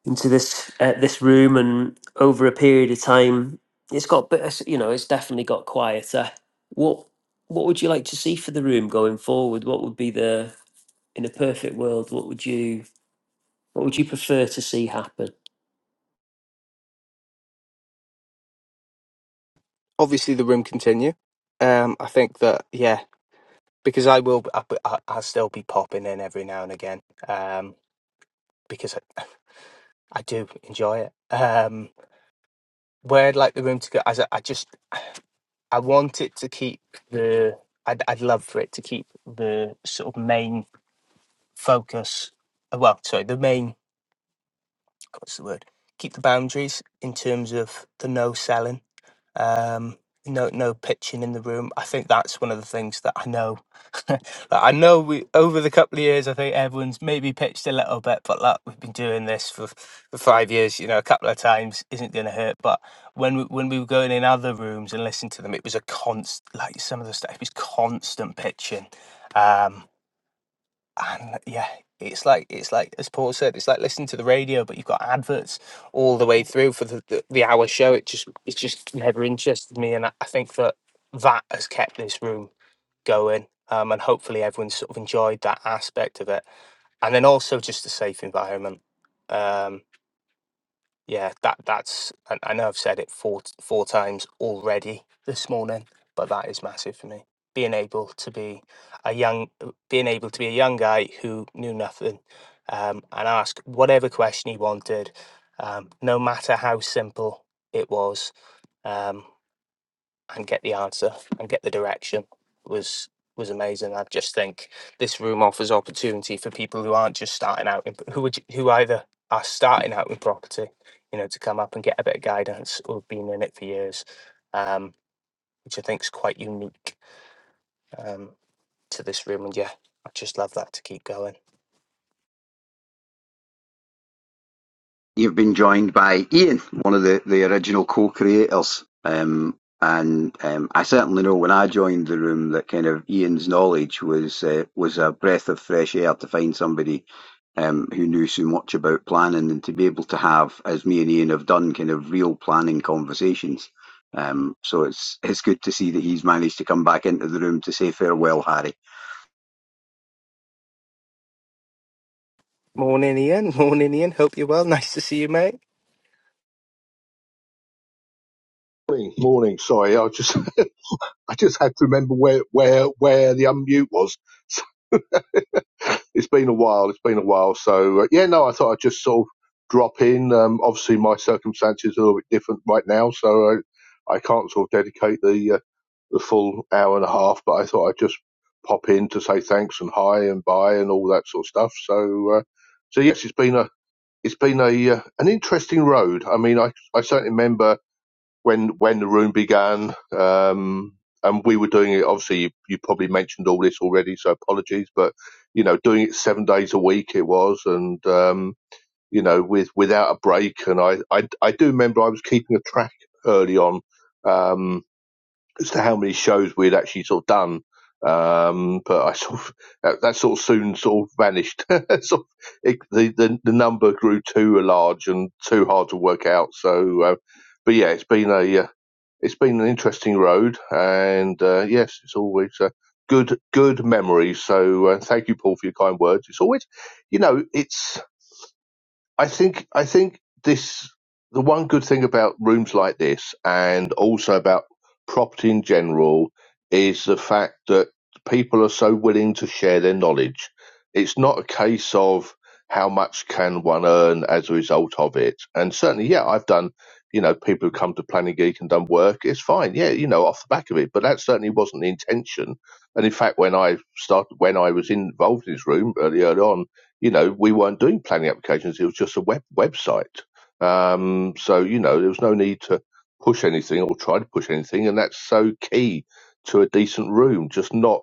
Speaker 2: into this uh, this room, and over a period of time, it's got bit. of- You know, it's definitely got quieter. What what would you like to see for the room going forward? What would be the in a perfect world? What would you what would you prefer to see happen?
Speaker 1: Obviously, the room continue. Um, I think that yeah, because I will, I, I, I'll still be popping in every now and again. Um, because I, I do enjoy it. Um, where I'd like the room to go, as I, I just, I want it to keep the. I'd, I'd love for it to keep the sort of main focus. uh, Well, sorry, the main. What's the word? Keep the boundaries in terms of the no selling um, no no pitching in the room. I think that's one of the things that I know. like, I know we over the couple of years, I think everyone's maybe pitched a little bit, but like we've been doing this for for five years, you know, a couple of times isn't going to hurt. But when we, when we were going in other rooms and listening to them, it was a const like some of the stuff it was constant pitching. Um, and yeah it's like it's like as paul said it's like listening to the radio but you've got adverts all the way through for the, the, the hour show it just it's just never interested me and I, I think that that has kept this room going um, and hopefully everyone's sort of enjoyed that aspect of it and then also just a safe environment Um, yeah, that that's I, I know I've said it four t- four times already this morning, but that is massive for me. Being able to be a young, being able to be a young guy who knew nothing, um, and ask whatever question he wanted, um, no matter how simple it was. Um, and get the answer and get the direction was was amazing. I just think this room offers opportunity for people who aren't just starting out in, who would, who either are starting out in property, you know, to come up and get a bit of guidance or been in it for years, um, which I think is quite unique um, to this room. And yeah, I just love that to keep going.
Speaker 6: You've been joined by Ian, one of the, the original co-creators. Um, and um, I certainly know when I joined the room that kind of Ian's knowledge was uh, was a breath of fresh air to find somebody um, who knew so much about planning and to be able to have, as me and Ian have done, kind of real planning conversations. Um, so it's it's good to see that he's managed to come back into the room to say farewell, Harry.
Speaker 1: Morning, Ian. Morning, Ian. Hope you're well. Nice to see you, mate.
Speaker 7: Morning, morning. Sorry, I just I just had to remember where where where the unmute was. It's been a while. It's been a while. So uh, yeah, no, I thought I'd just sort of drop in. Um, obviously, my circumstances are a little bit different right now, so I, I can't sort of dedicate the uh, the full hour and a half. But I thought I'd just pop in to say thanks and hi and bye and all that sort of stuff. So uh, so yes, it's been a it's been a uh, an interesting road. I mean, I I certainly remember when when the room began, um, and we were doing it. Obviously, you, you probably mentioned all this already, so apologies. But you know, doing it seven days a week, it was, and um, you know, with without a break. And I, I I do remember I was keeping a track early on um, as to how many shows we had actually sort of done. Um, but I sort of that, that sort of soon sort of vanished. sort of, it, the, the the number grew too large and too hard to work out. So uh, but yeah, it's been a uh, it's been an interesting road, and uh, yes, it's always uh, good good memories. So uh, thank you, Paul, for your kind words. It's always, you know, it's I think I think this the one good thing about rooms like this and also about property in general is the fact that people are so willing to share their knowledge. It's not a case of how much can one earn as a result of it. And certainly, yeah, I've done, you know, people who come to Planning Geek and done work, it's fine, yeah, you know, off the back of it. But that certainly wasn't the intention. And in fact, when I started, when I was involved in this room early, early on, you know, we weren't doing planning applications. It was just a web website. Um, so, you know, there was no need to push anything or try to push anything. And that's so key to a decent room, just not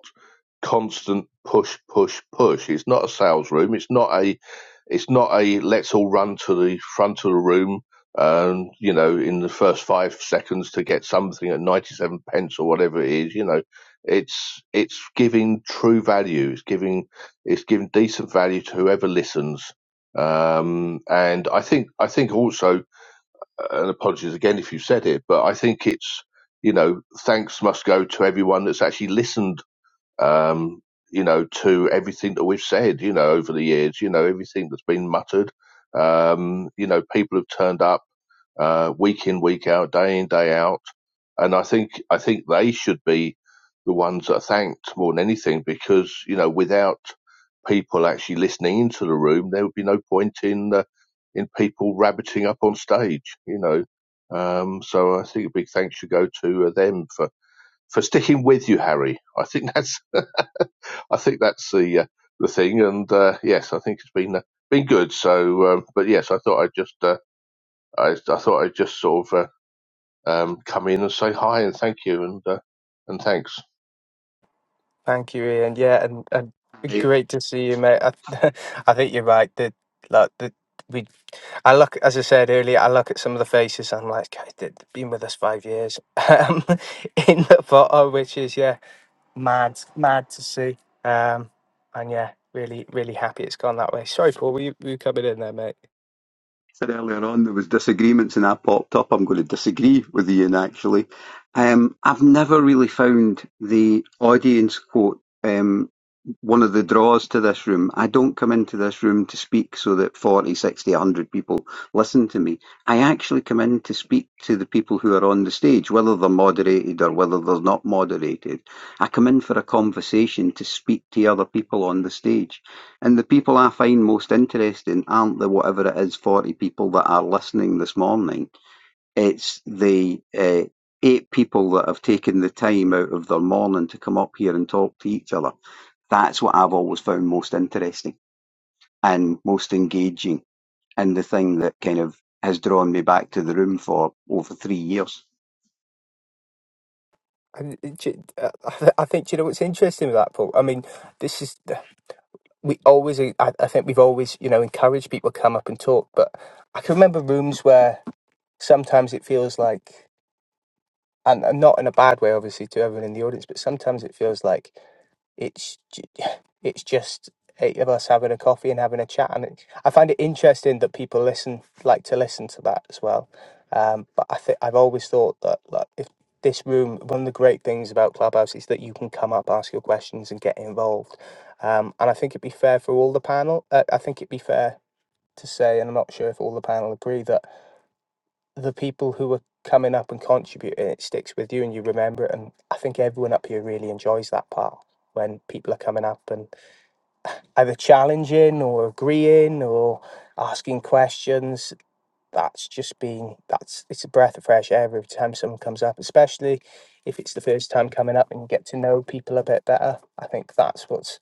Speaker 7: constant push, push, push. It's not a sales room. It's not a, it's not a let's all run to the front of the room. And you know, in the first five seconds to get something at ninety-seven pence or whatever it is, you know, it's it's giving true value. It's giving it's given decent value to whoever listens. Um, and I think, I think also, and apologies again if you said it, but I think it's, you know, thanks must go to everyone that's actually listened, um, you know, to everything that we've said, you know, over the years, you know, everything that's been muttered. Um, you know, people have turned up uh, week in, week out, day in, day out. And I think I think they should be the ones that are thanked more than anything because you know without people actually listening into the room, there would be no point in uh, in people rabbiting up on stage. You know, um, so I think a big thanks should go to uh, them for for sticking with you, Harry. I think that's I think that's the uh, the thing. And uh, yes, I think it's been uh, been good. So, um, but yes, I thought I'd just. Uh, I, I thought I'd just sort of uh, um, come in and say hi and thank you and uh, and thanks.
Speaker 1: Thank you, Ian. Yeah, and, and great to see you, mate. I, I think you're right. that like the. I look, as I said earlier, I look at some of the faces. I'm like, God, they've been with us five years um, in the photo, which is yeah, mad, mad to see. Um, and yeah, really, really happy it's gone that way. Sorry, Paul, were you, were you coming in there, mate?
Speaker 6: said earlier on there was disagreements and that popped up. I'm going to disagree with Ian actually. Um, I've never really found the audience quote. Um, one of the draws to this room. I don't come into this room to speak so that 40, 60, a 100 people listen to me. I actually come in to speak to the people who are on the stage, whether they're moderated or whether they're not moderated. I come in for a conversation to speak to other people on the stage. And the people I find most interesting aren't the whatever it is 40 people that are listening this morning. It's the uh, eight people that have taken the time out of their morning to come up here and talk to each other. That's what I've always found most interesting and most engaging, and the thing that kind of has drawn me back to the room for over three years.
Speaker 1: And it ju- uh, I th- I think do you know what's interesting with that, Paul. I mean, this is uh, we always. I, I think we've always, you know, encouraged people to come up and talk. But I can remember rooms where sometimes it feels like, and, and not in a bad way, obviously, to everyone in the audience, but sometimes it feels like it's it's just eight of us having a coffee and having a chat and it, I find it interesting that people listen like to listen to that as well um but I think I've always thought that like if this room one of the great things about Clubhouse is that you can come up ask your questions and get involved um and I think it'd be fair for all the panel uh, I think it'd be fair to say and I'm not sure if all the panel agree that the people who are coming up and contributing, it sticks with you and you remember it. And I think everyone up here really enjoys that part when people are coming up and either challenging or agreeing or asking questions. That's just been that's it's a breath of fresh air every time someone comes up, especially if it's the first time coming up and you get to know people a bit better. I think that's what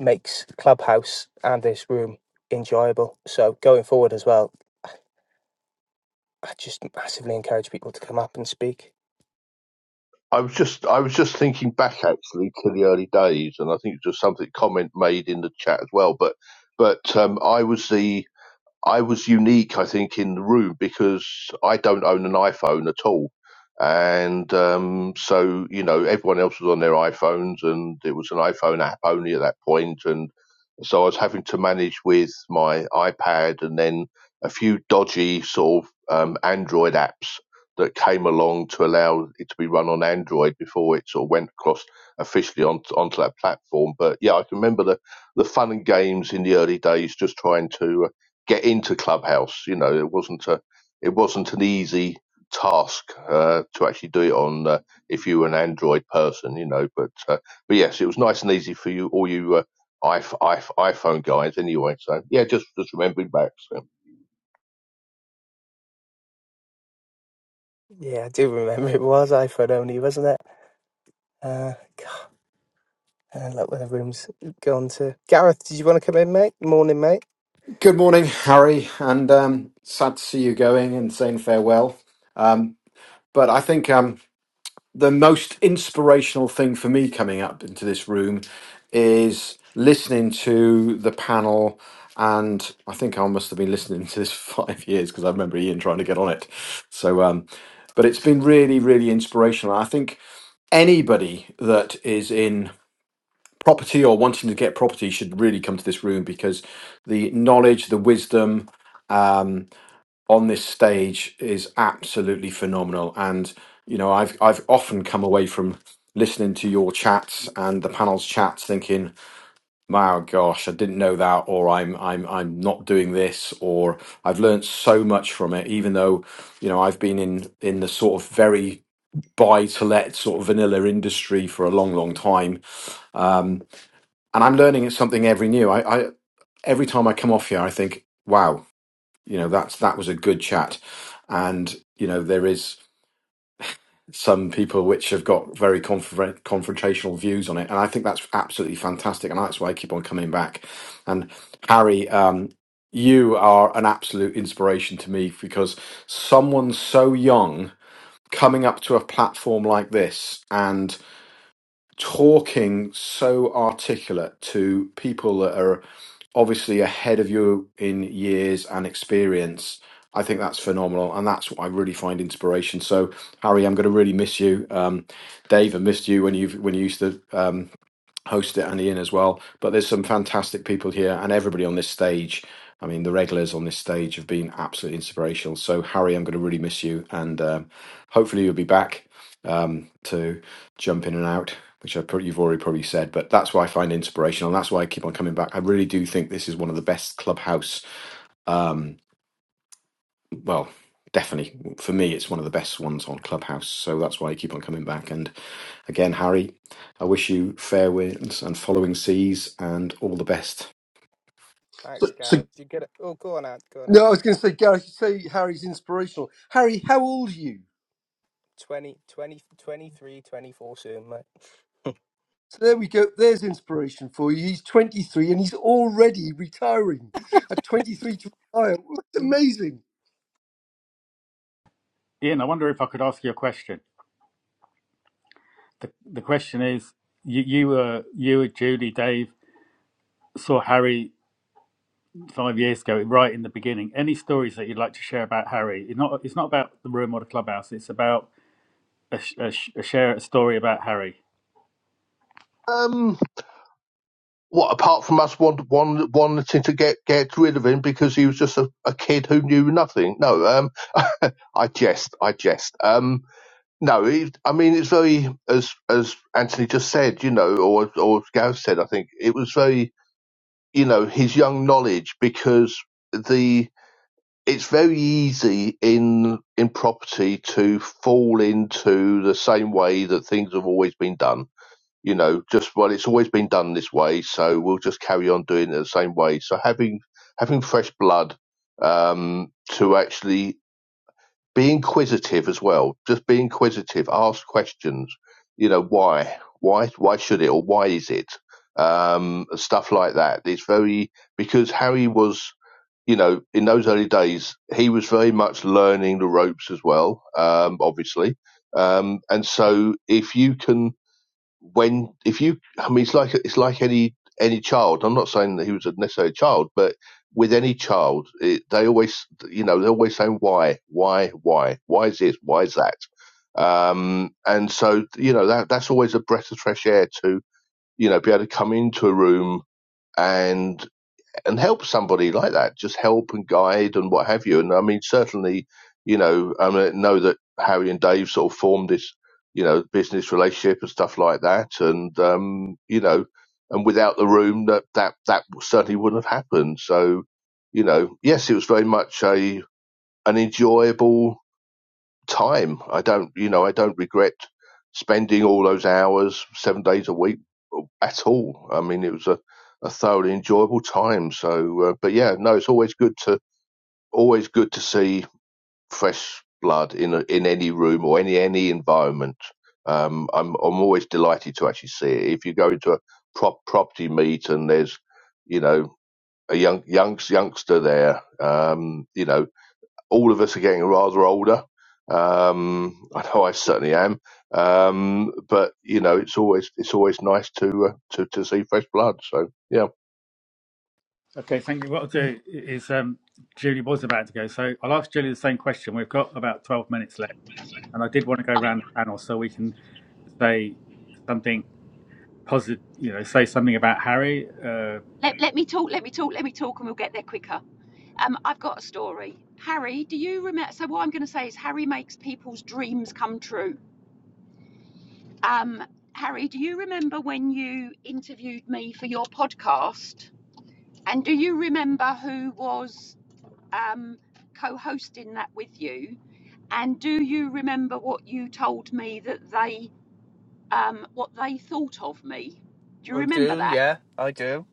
Speaker 1: makes Clubhouse and this room enjoyable. So going forward as well, I just massively encourage people to come up and speak
Speaker 7: I was just I was just thinking back actually to the early days, and I think it was just something comment made in the chat as well. But but um, I was the I was unique, I think, in the room because I don't own an iPhone at all. And um, so, you know, everyone else was on their iPhones and it was an iPhone app only at that point. And so I was having to manage with my iPad and then a few dodgy sort of um, Android apps that came along to allow it to be run on Android before it sort of went across officially onto, onto that platform. But yeah, I can remember the, the fun and games in the early days just trying to get into Clubhouse. You know, it wasn't a it wasn't an easy task uh, to actually do it on uh, if you were an Android person. You know, but uh, but yes, it was nice and easy for you all you uh, iPh- iPh- iPhone guys anyway. So yeah, just just remembering back. So.
Speaker 1: Yeah, I do remember it was iPhone only, wasn't it? Uh, God, and look where the room's gone to. Gareth, did you want to come in, mate? Morning, mate.
Speaker 8: Good morning, Harry, and um, sad to see you going and saying farewell. Um, but I think um, the most inspirational thing for me coming up into this room is listening to the panel. And I think I must have been listening to this for five years because I remember Ian trying to get on it. So, um, but it's been really, really inspirational. I think anybody that is in property or wanting to get property should really come to this room because the knowledge, the wisdom um, on this stage is absolutely phenomenal. And you know, I've I've often come away from listening to your chats and the panel's chats thinking, "My gosh, I didn't know that," or "I'm I'm I'm not doing this," or "I've learned so much from it," even though you know I've been in in the sort of very buy to let sort of vanilla industry for a long, long time Um, and I'm learning something every new. I, I every time I come off here, I think, wow, you know, that's that was a good chat, and you know, there is some people which have got very confront confrontational views on it, and I think that's absolutely fantastic, and that's why I keep on coming back. And Harry, um, you are an absolute inspiration to me because someone so young coming up to a platform like this and talking so articulate to people that are obviously ahead of you in years and experience. I think that's phenomenal, and that's what I really find inspiration. So, Harry, I'm going to really miss you. Um, Dave, I missed you when you when you used to. Um, host it and Ian as well. But there's some fantastic people here, and everybody on this stage. I mean, the regulars on this stage have been absolutely inspirational. So Harry, I'm going to really miss you, and um, hopefully you'll be back um, to jump in and out, which I pr- you've already probably said. But that's why I find inspirational, and that's why I keep on coming back. I really do think this is one of the best clubhouse. Um, well, definitely for me, it's one of the best ones on Clubhouse. So that's why I keep on coming back. And again, Harry, I wish you fair winds and following seas and all the best.
Speaker 3: So,
Speaker 1: Thanks,
Speaker 3: so
Speaker 1: Gareth. You get it? Oh, go on, out, go on, out.
Speaker 3: no, I was going to say, Gareth, you say Harry's inspirational. Harry, how old are you?
Speaker 1: 20, 20, 23, 24
Speaker 3: So there we go. There's inspiration for you. He's 23 and he's already retiring at 23 to retire. It's
Speaker 1: soon, mate. Mm.
Speaker 3: amazing.
Speaker 5: Ian, I wonder if I could ask you a question. The, the question is, you, you were you, Julie, Dave saw Harry five years ago, right in the beginning. Any stories that you'd like to share about Harry? It's not it's not about the room or the clubhouse. It's about a, a, a share a story about Harry.
Speaker 7: Um, what apart from us want, want, wanting to get get rid of him because he was just a, a kid who knew nothing? No, um, I jest, I jest. Um, No, it, I mean it's very as as Anthony just said, you know, or or as Gav said, I think it was very, you know, his young knowledge because the it's very easy in in property to fall into the same way that things have always been done. You know, just well, it's always been done this way, so we'll just carry on doing it the same way. So having having fresh blood um, to actually be inquisitive as well. Just be inquisitive. Ask questions. You know why? Why? Why should it? Or why is it? Um, stuff like that. It's very because Harry was. You know, in those early days, he was very much learning the ropes as well, um, obviously. Um, and so if you can when if you i mean it's like it's like any any child i'm not saying that he was necessarily a child but with any child it, they always you know they're always saying why why why why is this why is that um and so you know that that's always a breath of fresh air to you know be able to come into a room and and help somebody like that, just help and guide and what have you. And I mean, certainly, you know, I mean, I know that Harry and Dave sort of formed this, you know, business relationship and stuff like that. And, um, you know, and without the room, that, that, that certainly wouldn't have happened. So, you know, yes, it was very much a, an enjoyable time. I don't, you know, I don't regret spending all those hours, seven days a week at all. I mean, it was a, a thoroughly enjoyable time. So, uh, but yeah, no, it's always good to always good to see fresh blood in a, in any room or any any environment. Um, I'm I'm always delighted to actually see it. If you go into a prop property meet and there's you know a young young youngster there, um, you know all of us are getting rather older. Um, I know I certainly am. Um, but you know, it's always it's always nice to uh, to to see fresh blood. So yeah,
Speaker 5: Okay, thank you. What I'll do is um, Julie was about to go, so I'll ask Julie the same question. We've got about twelve minutes left, and I did want to go around the panel so we can say something positive. You know, say something about Harry. Uh,
Speaker 4: Let, let me talk, let me talk, let me talk, and we'll get there quicker. Um, I've got a story. Harry, do you remember? So, what I'm going to say is, Harry makes people's dreams come true. Um, Harry, do you remember when you interviewed me for your podcast? And do you remember who was um, co hosting that with you? And do you remember what you told me that they, um, what they thought of me? Do you
Speaker 1: I
Speaker 4: remember
Speaker 1: do,
Speaker 4: that?
Speaker 1: yeah, I do.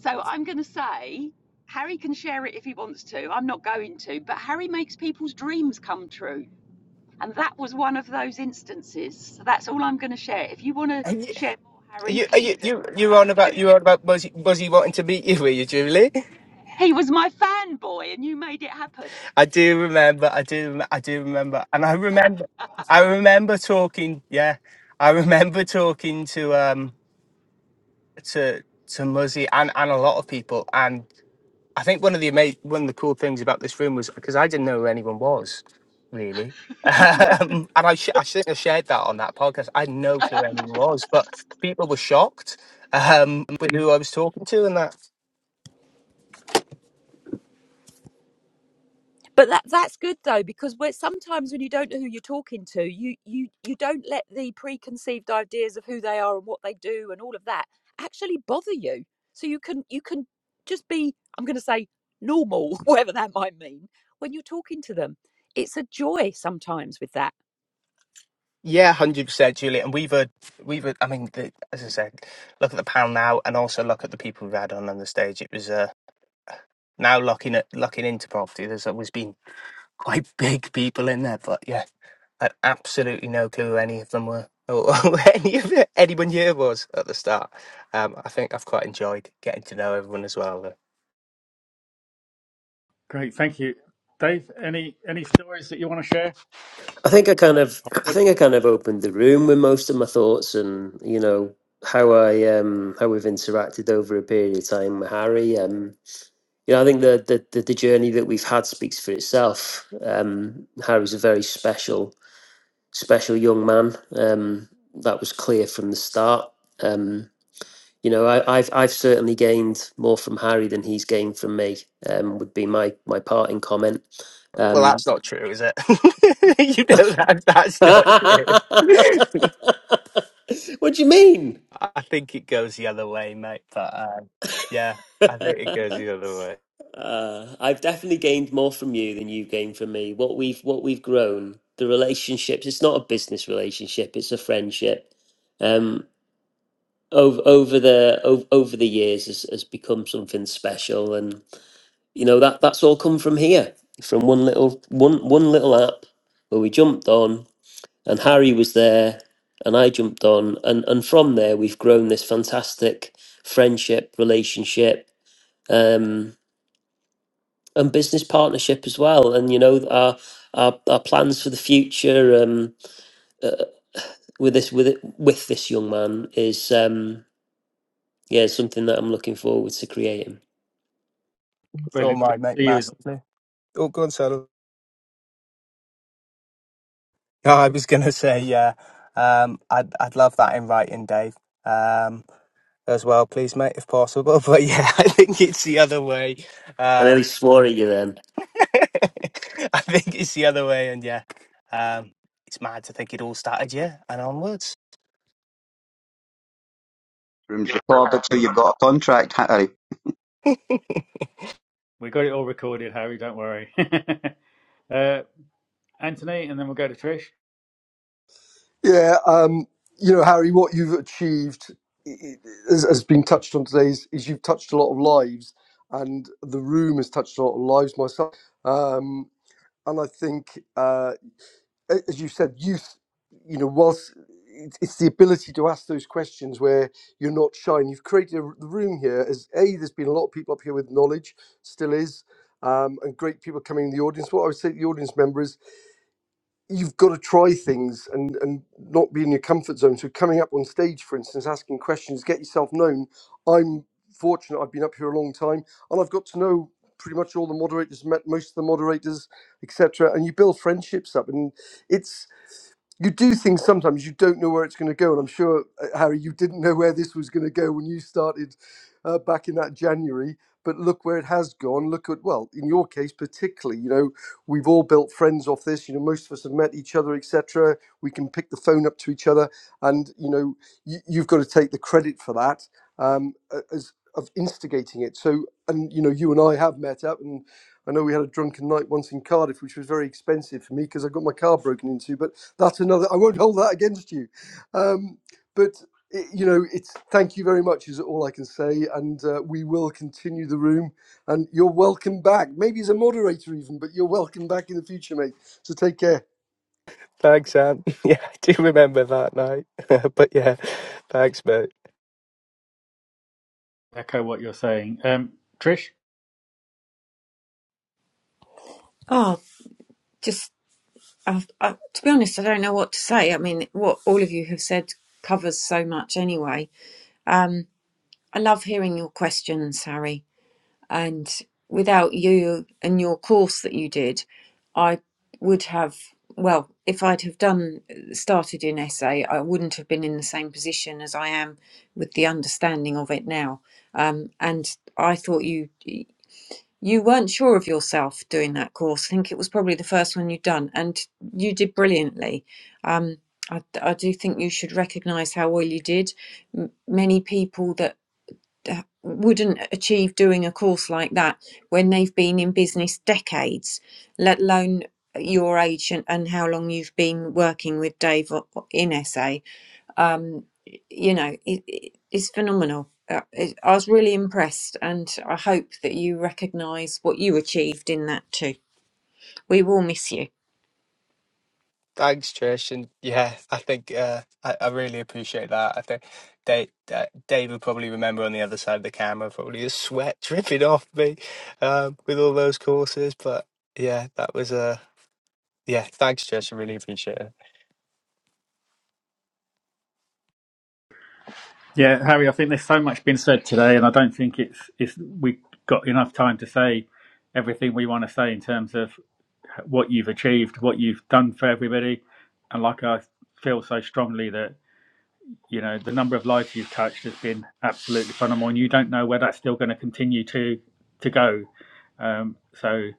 Speaker 4: So I'm going to say Harry can share it if he wants to. I'm not going to, but Harry makes people's dreams come true. And that was one of those instances. So that's all I'm going to share. If you want to
Speaker 1: And you,
Speaker 4: share more,
Speaker 1: are
Speaker 4: Harry,
Speaker 1: you, are
Speaker 4: please
Speaker 1: you,
Speaker 4: do.
Speaker 1: you,
Speaker 4: It's
Speaker 1: you're
Speaker 4: up
Speaker 1: on
Speaker 4: to
Speaker 1: about,
Speaker 4: you.
Speaker 1: you're on about Muzzy, Muzzy wanting to meet you, were you, Julie?
Speaker 4: He was my fanboy and you made it happen.
Speaker 1: I do remember, I do, rem- I do remember, and I remember, I remember talking, yeah, I remember talking to, um to to Muzzy and, and a lot of people. And I think one of the ama- one of the cool things about this room was because I didn't know who anyone was really. Um, and I, sh- I think I shared that on that podcast. I had no clue who anyone was, but people were shocked um, with who I was talking to, and that
Speaker 4: But that that's good though, because we are sometimes when you don't know who you're talking to, you you you don't let the preconceived ideas of who they are and what they do and all of that actually bother you. So you can you can just be I'm going to say normal, whatever that might mean, when you're talking to them. It's a joy sometimes with that.
Speaker 1: yeah, hundred percent, Juliet. And we've had, we've had, I mean, the, as I said, look at the panel now, and also look at the people we've had on on the stage. It was uh, now looking at looking into property. There's always been quite big people in there, but yeah, I had absolutely no clue who any of them were or or any of it, anyone here was at the start. Um, I think I've quite enjoyed getting to know everyone as well. though.
Speaker 5: great, thank you, Dave. Any any stories that you want to share?
Speaker 2: I think I kind of, I think I kind of opened the room with most of my thoughts, and you know how I, um, how we've interacted over a period of time with Harry. Um, you know, I think the the, the, the journey that we've had speaks for itself. Um, Harry's a very special, special young man. Um, that was clear from the start. Um, you know, I, I've I've certainly gained more from Harry than he's gained from me. Um, would be my my parting comment.
Speaker 1: Well,
Speaker 2: Um,
Speaker 1: that's not true, is it? you know that that's not
Speaker 2: what
Speaker 1: true.
Speaker 2: do you mean?
Speaker 1: I think it goes the other way, mate. But um, yeah, I
Speaker 2: uh,
Speaker 1: think it goes the other way.
Speaker 2: I've definitely gained more from you than you've gained from me. What we've what we've grown, the relationships. It's not a business relationship; it's a friendship. Um, over over the over, over the years has, has become something special, and you know that that's all come from here, from one little one one little app where we jumped on and Harry was there, and I jumped on, and and from there we've grown this fantastic friendship, relationship, um, and business partnership as well. And you know our our, our plans for the future um, uh, with this with it, with this young man is um, yeah something that I'm looking forward to creating.
Speaker 1: It's all
Speaker 5: Brilliant. Good
Speaker 1: mine,
Speaker 5: to
Speaker 1: mate,
Speaker 5: see you.
Speaker 1: massively. Oh, go on, Solo. No, I was gonna say, yeah. Um, I'd I'd love that in writing, Dave. Um, as well, please, mate, if possible. But yeah, I think it's the other way.
Speaker 2: I
Speaker 1: Um,
Speaker 2: nearly swore at you then.
Speaker 1: I think it's the other way, and yeah, um, it's mad to think it all started, yeah, and onwards.
Speaker 6: Room's recorded, so you've got a contract, Harry.
Speaker 5: We got it all recorded, Harry. Don't worry. uh, Anthony, and then we'll go to Trish.
Speaker 3: Yeah, um, you know, Harry, what you've achieved i- i- has has been touched on today is, is you've touched a lot of lives, and the room has touched a lot of lives myself. Um, and I think. uh, a- as you said, youth, you know, whilst it's it's the ability to ask those questions where you're not shy. And you've created a r- the room here as A, there's been a lot of people up here with knowledge, still is, um, and great people coming in the audience. What I would say to the audience member is you've got to try things and, and not be in your comfort zone. So coming up on stage, for instance, asking questions, get yourself known. I'm fortunate I've been up here a long time and I've got to know pretty much all the moderators, met most of the moderators, etc. And you build friendships up and it's you do things sometimes you don't know where it's going to go and i'm sure uh, harry you didn't know where this was going to go when you started uh, back in that january but look where it has gone look at well in your case particularly you know we've all built friends off this you know most of us have met each other etc we can pick the phone up to each other and you know you, you've got to take the credit for that um, a- as of instigating it so and you know you and i have met up and. I know we had a drunken night once in Cardiff, which was very expensive for me because I got my car broken into. But that's another. I won't hold that against you. Um, but it, you know, it's thank you very much is all I can say, and uh, we will continue the room. And you're welcome back. Maybe as a moderator even, but you're welcome back in the future, mate. So take care.
Speaker 1: Thanks, Ant. Yeah, I do remember that night. but yeah, thanks, mate.
Speaker 5: Echo what you're saying, um, Trish.
Speaker 9: Oh, just i I, to be honest, I don't know what to say. I mean, what all of you have said covers so much anyway. Um, I love hearing your questions, Harry. And without you and your course that you did, I would have, well, if I'd have done started in SA, I wouldn't have been in the same position as I am with the understanding of it now. Um, and I thought you you weren't sure of yourself doing that course. I think it was probably the first one you'd done, and you did brilliantly. Um, I, I do think you should recognise how well you did. M- many people that uh, wouldn't achieve doing a course like that when they've been in business decades, let alone your age and, and how long you've been working with Dave o- in SA you know, it, it, it's phenomenal. Uh, it, I was really impressed, and I hope that you recognise what you achieved in that too. We will miss you.
Speaker 1: Thanks, Trish, and yeah, I think uh, I, I really appreciate that. I think Dave, uh, Dave will probably remember on the other side of the camera, probably the sweat dripping off me um, with all those courses. But yeah, that was a Yeah, thanks, Jess. I really appreciate it.
Speaker 5: Yeah, Harry. I think there's so much been said today, and I don't think it's it's we got enough time to say everything we want to say in terms of what you've achieved, what you've done for everybody, and like I feel so strongly that you know the number of lives you've touched has been absolutely phenomenal, and you don't know where that's still going to continue to to go. Um, so.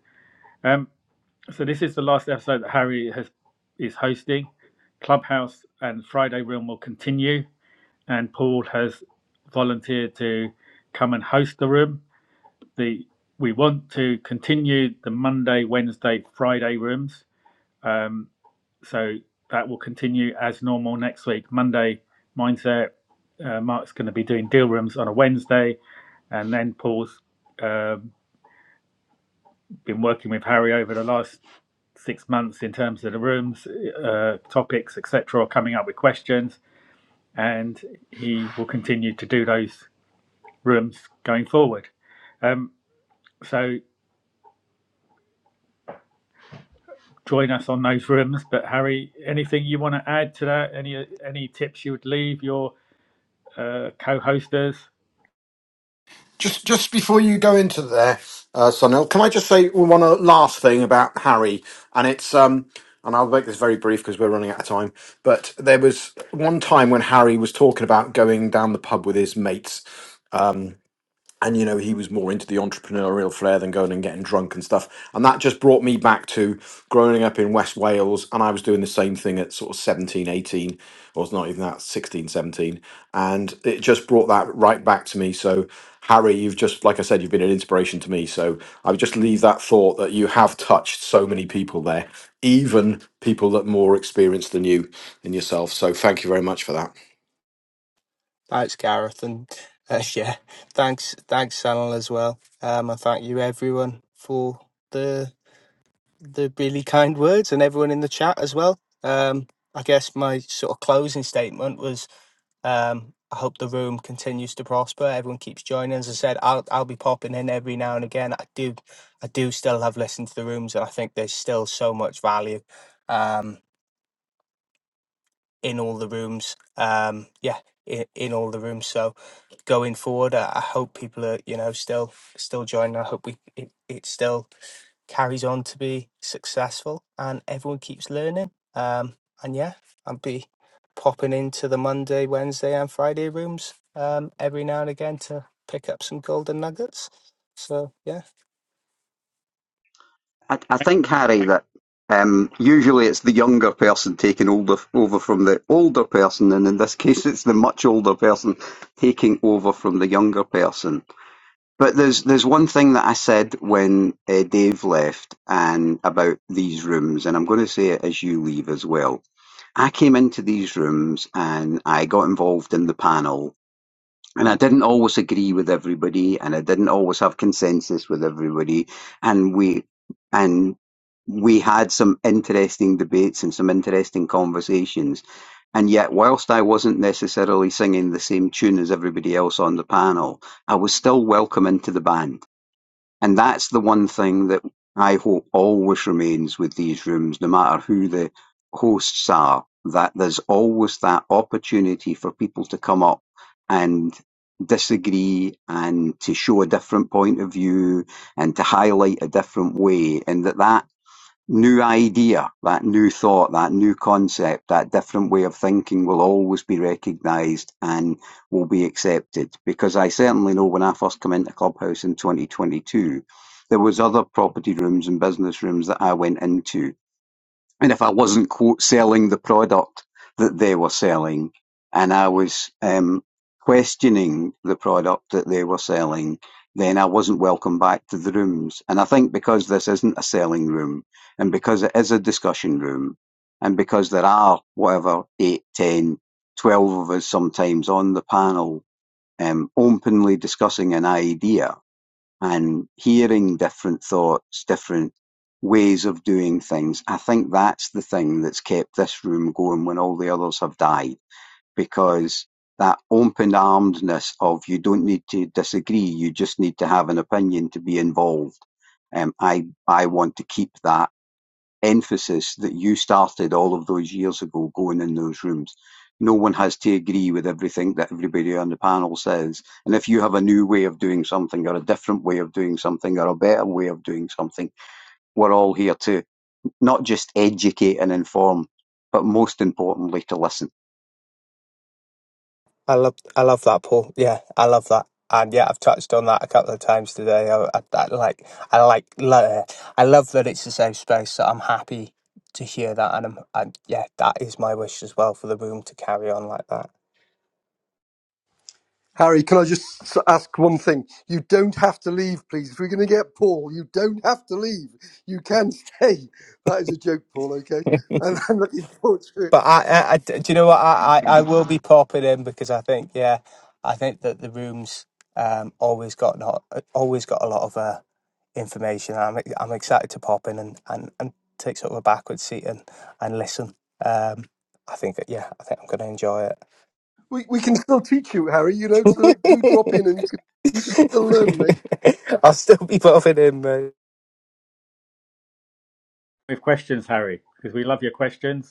Speaker 5: Um, So this is the last episode that Harry has is hosting. Clubhouse and Friday Room will continue, and Paul has volunteered to come and host the room. The we want to continue the Monday, Wednesday, Friday rooms. Um, so that will continue as normal next week. Monday mindset. Uh, Mark's going to be doing deal rooms on a Wednesday, and then Paul's. um, been working with Harry over the last six months in terms of the rooms, uh, topics, etc., coming up with questions, and he will continue to do those rooms going forward. Um, so join us on those rooms. But Harry, anything you want to add to that? Any any tips you would leave your uh, co-hosters
Speaker 8: Just just before you go into there, uh, Sunil, can I just say one uh, last thing about Harry? And it's um, and I'll make this very brief because we're running out of time. But there was one time when Harry was talking about going down the pub with his mates, and you know he was more into the entrepreneurial flair than going and getting drunk and stuff and that just brought me back to growing up in west wales and i was doing the same thing at sort of 17, 18, or it's not even that 16, 17. and it just brought that right back to me so harry you've just like i said you've been an inspiration to me so i would just leave that thought that you have touched so many people there even people that more experienced than you and yourself so thank you very much for that
Speaker 1: Thanks, Gareth, and uh, yeah, thanks, thanks, Sanal as well. Um, and thank you everyone for the the really kind words and everyone in the chat as well. Um, I guess my sort of closing statement was, um, I hope the room continues to prosper. Everyone keeps joining. As I said, I'll I'll be popping in every now and again. I do, I do still have listened to the rooms, and I think there's still so much value. Um, in all the rooms. Um, yeah, in, in all the rooms. So going forward, I, I hope people are you know still still joining. I hope we it, it still carries on to be successful and everyone keeps learning. Um, and yeah, I'll be popping into the Monday, Wednesday, and Friday rooms um, every now and again to pick up some golden nuggets. So yeah.
Speaker 6: I, I think, Harry, that um, usually it's the younger person taking older, over from the older person, and in this case, it's the much older person taking over from the younger person But there's there's one thing that I said when uh, Dave left and about these rooms, and I'm going to say it as you leave as well. I came into these rooms and I got involved in the panel, and I didn't always agree with everybody, and I didn't always have consensus with everybody, and we and we had some interesting debates and some interesting conversations. And yet, whilst I wasn't necessarily singing the same tune as everybody else on the panel, I was still welcome into the band and that's the one thing that I hope always remains with these rooms, no matter who the hosts are, that there's always that opportunity for people to come up and disagree and to show a different point of view and to highlight a different way and that that new idea, that new thought, that new concept, that different way of thinking will always be recognised and will be accepted. Because I certainly know when I first came into Clubhouse in 2022, there was other property rooms and business rooms that I went into and if I wasn't quote selling the product that they were selling, and I was um, questioning the product that they were selling, then I wasn't welcome back to the rooms. And I think because this isn't a selling room, and because it is a discussion room, and because there are whatever eight, ten, twelve of us sometimes on the panel um, openly discussing an idea, and hearing different thoughts, different ways of doing things. I think that's the thing that's kept this room going when all the others have died, because that open armedness of you don't need to disagree, you just need to have an opinion to be involved. Um, I I want to keep that emphasis that you started all of those years ago going in those rooms. No one has to agree with everything that everybody on the panel says. And if you have a new way of doing something or a different way of doing something or a better way of doing something, we're all here to not just educate and inform, but most importantly to listen.
Speaker 1: I love, I love that, Paul. Yeah, I love that, and yeah, I've touched on that a couple of times today. I, I, I like, I like, lo- I love that it's a safe space. So I'm happy to hear that, and I'm, and yeah, that is my wish as well for the room to carry on like that.
Speaker 3: Harry, can I just s- ask one thing? You don't have to leave, please. If we're going to get Paul, you don't have to leave. You can stay. That is a joke, Paul, okay? And I'm looking forward to it.
Speaker 1: But I, I, I- do you know what? I, I, I will be popping in because I think, yeah, I think that the rooms um always got not always got a lot of uh, information. I'm ex- I'm excited to pop in and, and, and take sort of a backward seat and and listen. Um, I think that yeah, I think I'm going to enjoy it.
Speaker 3: We we can still teach you, Harry. You know, to do drop in and you can, you can still learn, mate.
Speaker 1: I'll still be popping in, mate.
Speaker 5: with questions, Harry? Because we love your questions.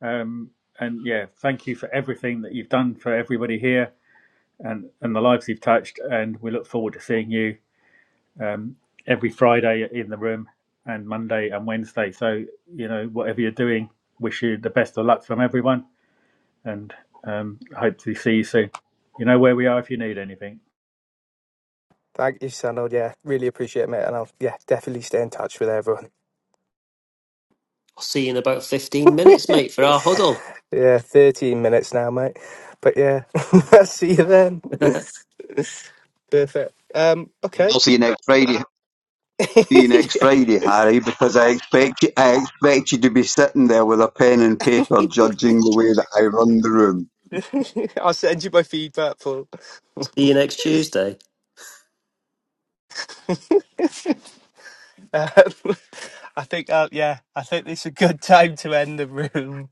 Speaker 5: Um, and yeah, thank you for everything that you've done for everybody here and and the lives you've touched. And we look forward to seeing you every Friday in the room and Monday and Wednesday. So, you know, whatever you're doing, wish you the best of luck from everyone and um, hope to see you soon. You know where we are if you need anything.
Speaker 1: Thank you, Sanal. Yeah, really appreciate it, mate. And I'll yeah definitely stay in touch with everyone.
Speaker 2: I'll see you in about 15 minutes, mate, for our huddle.
Speaker 1: yeah, 13 minutes now, mate. But yeah, I'll see you then.
Speaker 2: see
Speaker 1: Perfect. Um,
Speaker 6: And
Speaker 1: okay.
Speaker 6: I'll See you next Friday. See you next
Speaker 1: Yeah.
Speaker 6: Friday, Harry, because I expect you, I expect you to be sitting there with a pen and paper judging the way that I run the room.
Speaker 1: I'll send you my feedback, Paul.
Speaker 2: you next Tuesday.
Speaker 1: Um, I think, uh, yeah, I think this is a good time to end the room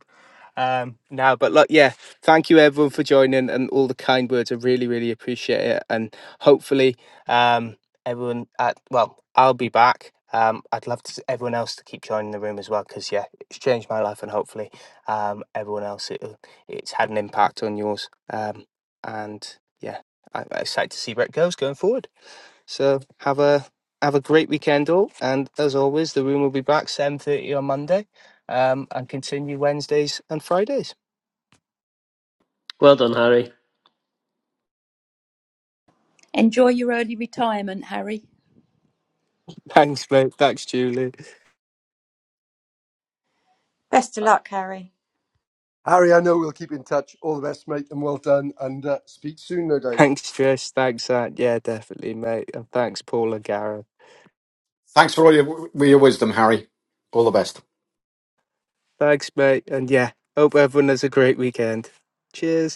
Speaker 1: um, now. But look, yeah, thank you everyone for joining and all the kind words. I really, really appreciate it. And hopefully, um, everyone, at, well, I'll be back. Um, I'd love to s- everyone else to keep joining the room as well because yeah, it's changed my life and hopefully um, everyone else it, it's had an impact on yours. Um, and yeah, I- I'm excited to see where it goes going forward. So have a have a great weekend all, and as always, the room will be back seven thirty on Monday, um, and continue Wednesdays and Fridays.
Speaker 2: Well done, Harry.
Speaker 4: Enjoy your early retirement, Harry.
Speaker 1: Thanks, mate. Thanks, Julie.
Speaker 9: Best of luck, Harry.
Speaker 3: Harry, I know we'll keep in touch. All the best, mate, and well done. And uh, speak soon, no doubt.
Speaker 1: Thanks, Trish. Thanks, Ant. Yeah, definitely, mate. And thanks, Paul and Gareth.
Speaker 8: thanks for all your, your wisdom harry all the best
Speaker 1: Thanks, mate. And yeah, hope everyone has a great weekend. Cheers.